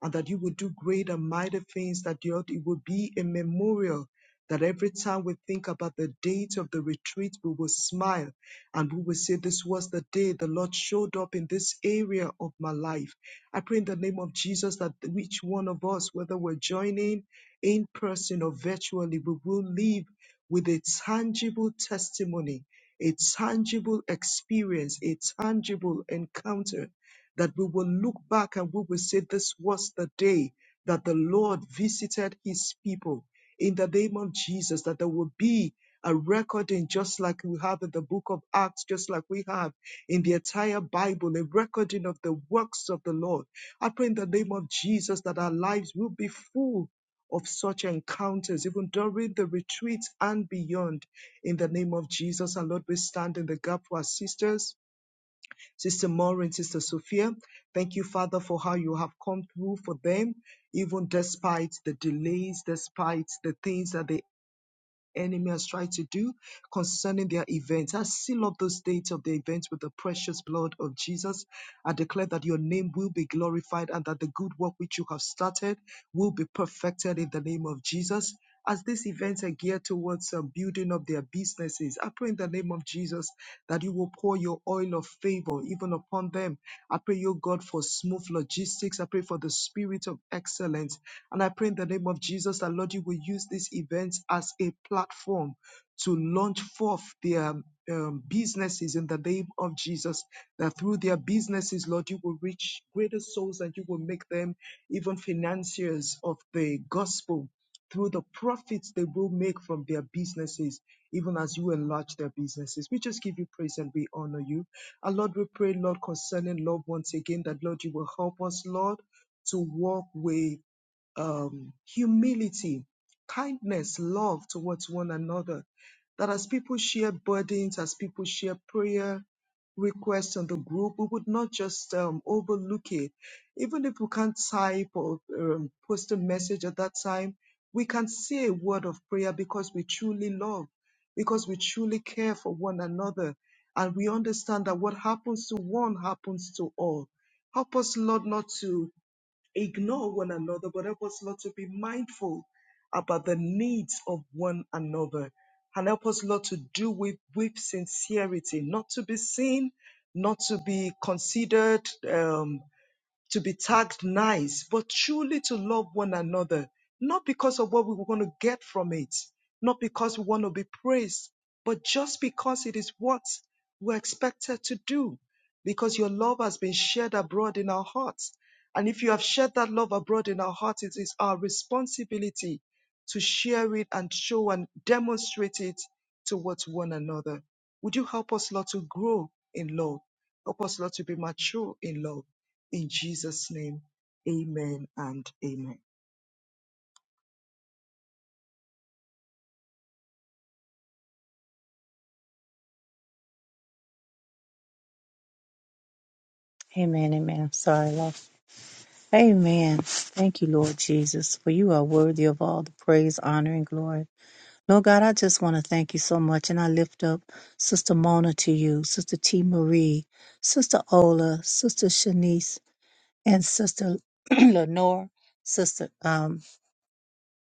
S4: and that you will do great and mighty things, that your- it will be a memorial. That every time we think about the date of the retreat, we will smile and we will say, This was the day the Lord showed up in this area of my life. I pray in the name of Jesus that each one of us, whether we're joining in person or virtually, we will leave with a tangible testimony, a tangible experience, a tangible encounter that we will look back and we will say, This was the day that the Lord visited his people. In the name of Jesus, that there will be a recording just like we have in the book of Acts, just like we have in the entire Bible, a recording of the works of the Lord. I pray in the name of Jesus that our lives will be full of such encounters, even during the retreats and beyond. In the name of Jesus, and Lord, we stand in the gap for our sisters Sister Maureen, Sister Sophia, thank you, Father, for how you have come through for them, even despite the delays, despite the things that the enemy has tried to do concerning their events. I seal up those dates of the events with the precious blood of Jesus. I declare that your name will be glorified and that the good work which you have started will be perfected in the name of Jesus. As these events are geared towards uh, and building up their businesses. I pray in the name of Jesus that you will pour your oil of favor even upon them. I pray, O God, for smooth logistics. I pray for the spirit of excellence. And I pray in the name of Jesus that, Lord, you will use these events as a platform to launch forth their um, businesses in the name of Jesus. That through their businesses, Lord, you will reach greater souls and you will make them even financiers of the gospel through the profits they will make from their businesses, even as you enlarge their businesses. We just give you praise and we honor you. And Lord, we pray, Lord, concerning love once again, that Lord, you will help us, Lord, to walk with um, humility, kindness, love towards one another. That as people share burdens, as people share prayer requests on the group, we would not just um, overlook it. Even if we can't type or um, post a message at that time, we can say a word of prayer because we truly love, because we truly care for one another. And we understand that what happens to one happens to all. Help us, Lord, not to ignore one another, but help us, Lord, to be mindful about the needs of one another. And help us, Lord, to do with, with sincerity, not to be seen, not to be considered. um, to be tagged nice, but truly to love one another, not because of what we want to get from it, not because we want to be praised, but just because it is what we're expected to do, because your love has been shared abroad in our hearts. And if you have shared that love abroad in our hearts, it is our responsibility to share it and show and demonstrate it towards one another. Would you help us, Lord, to grow in love? Help us, Lord, to be mature in love in Jesus' name, amen and amen.
S1: Amen. Amen. Sorry, Lord. Amen. Thank you, Lord Jesus, for you are worthy of all the praise, honor, and glory. Lord God, I just want to thank you so much, and I lift up Sister Mona to you, Sister T. Marie, Sister Ola, Sister Shanice. and Sister (clears throat) Lenore, Sister um,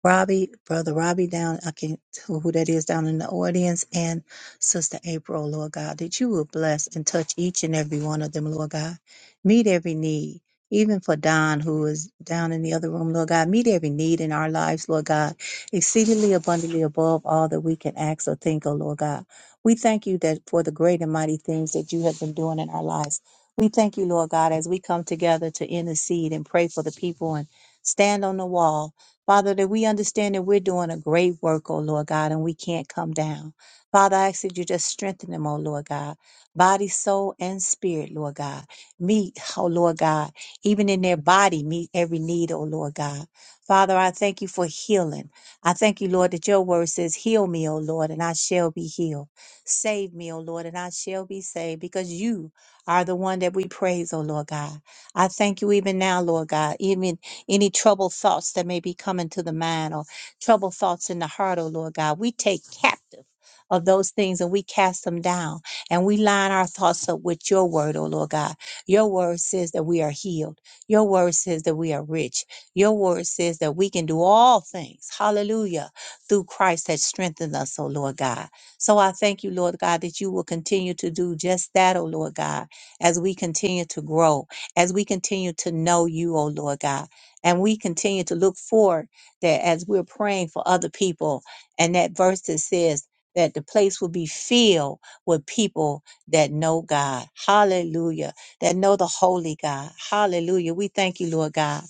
S1: Robbie, Brother Robbie down, I can't tell who that is down in the audience, and Sister April, Lord God, that you will bless and touch each and every one of them, Lord God. Meet every need, even for Don, who is down in the other room, Lord God. Meet every need in our lives, Lord God, exceedingly abundantly above all that we can ask or think, oh Lord God. We thank you that for the great and mighty things that you have been doing in our lives. We thank you, Lord God, as we come together to intercede and pray for the people and stand on the wall Father, that we understand that we're doing a great work, oh Lord God, and we can't come down. Father, I ask that you just strengthen them, oh Lord God, body, soul, and spirit, Lord God. Meet, oh Lord God, even in their body, meet every need, oh Lord God. Father, I thank you for healing. I thank you, Lord, that your word says, Heal me, O Lord, and I shall be healed. Save me, O Lord, and I shall be saved, because you are the one that we praise, O Lord God. I thank you even now, Lord God, even any troubled thoughts that may be coming to the mind or troubled thoughts in the heart, oh Lord God, we take captive of those things and we cast them down and we line our thoughts up with your word, oh Lord God. Your word says that we are healed. Your word says that we are rich. Your word says that we can do all things. Hallelujah. Through Christ that strengthened us, oh Lord God. So I thank you, Lord God, that you will continue to do just that, oh Lord God, as we continue to grow, as we continue to know you, oh Lord God. And we continue to look forward that as we're praying for other people, and that verse that says that the place will be filled with people that know God. Hallelujah. That know the holy God. Hallelujah. We thank you, Lord God,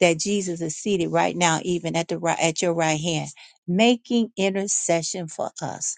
S1: that Jesus is seated right now, even at the right, at your right hand, making intercession for us.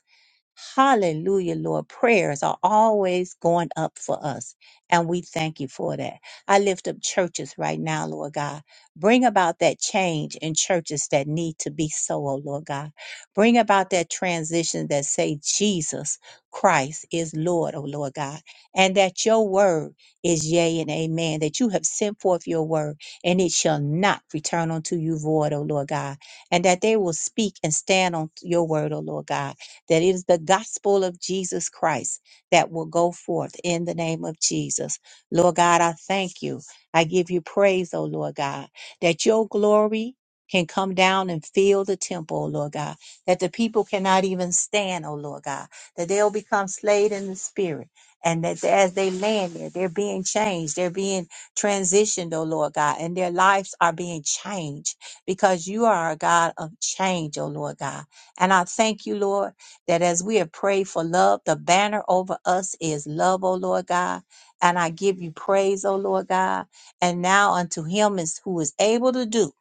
S1: Hallelujah, Lord. Prayers are always going up for us, and we thank you for that. I lift up churches right now, Lord God. Bring about that change in churches that need to be so, oh Lord God. Bring about that transition that say Jesus Christ is Lord, oh Lord God, and that your word is yea and amen, that you have sent forth your word, and it shall not return unto you void, oh Lord God, and that they will speak and stand on your word, oh Lord God that it is the gospel of Jesus Christ that will go forth in the name of Jesus. Lord God, I thank you. I give you praise, oh Lord God, that your glory can come down and fill the temple, oh Lord God, that the people cannot even stand, oh Lord God, that they'll become slayed in the spirit. And that as they land there, they're being changed. They're being transitioned, oh Lord God, and their lives are being changed because you are a God of change, oh Lord God. And I thank you, Lord that as we have prayed for love, the banner over us is love, O Lord God. And I give you praise, O Lord God. And now unto him is who is able to do,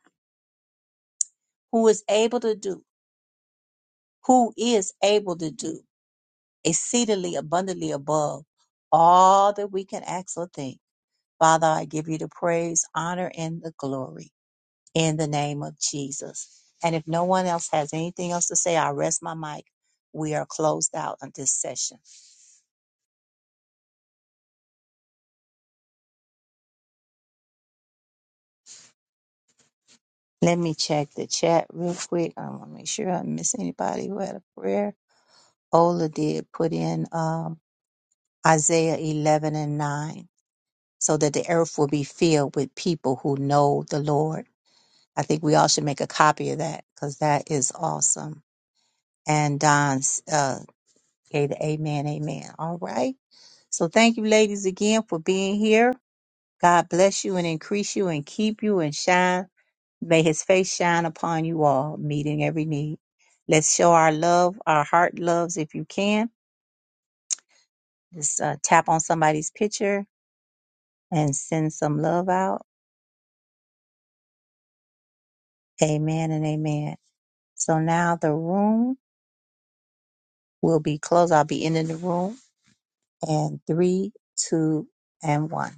S1: who is able to do, who is able to do exceedingly abundantly above all that we can ask or think. Father, I give you the praise, honor, and the glory in the name of Jesus. And if no one else has anything else to say, I rest my mic. We are closed out on this session. Let me check the chat real quick. I want to make sure I didn't miss anybody who had a prayer. Ola did put in um, Isaiah 11 and 9, so that the earth will be filled with people who know the Lord. I think we all should make a copy of that because that is awesome. And Don uh, gave the amen, amen. All right. So thank you, ladies, again for being here. God bless you and increase you and keep you and shine May his face shine upon you all, meeting every need. Let's show our love, our heart loves, if you can. Just uh, tap on somebody's picture and send some love out. Amen and amen. So now the room will be closed. I'll be ending the room and three, two, and one.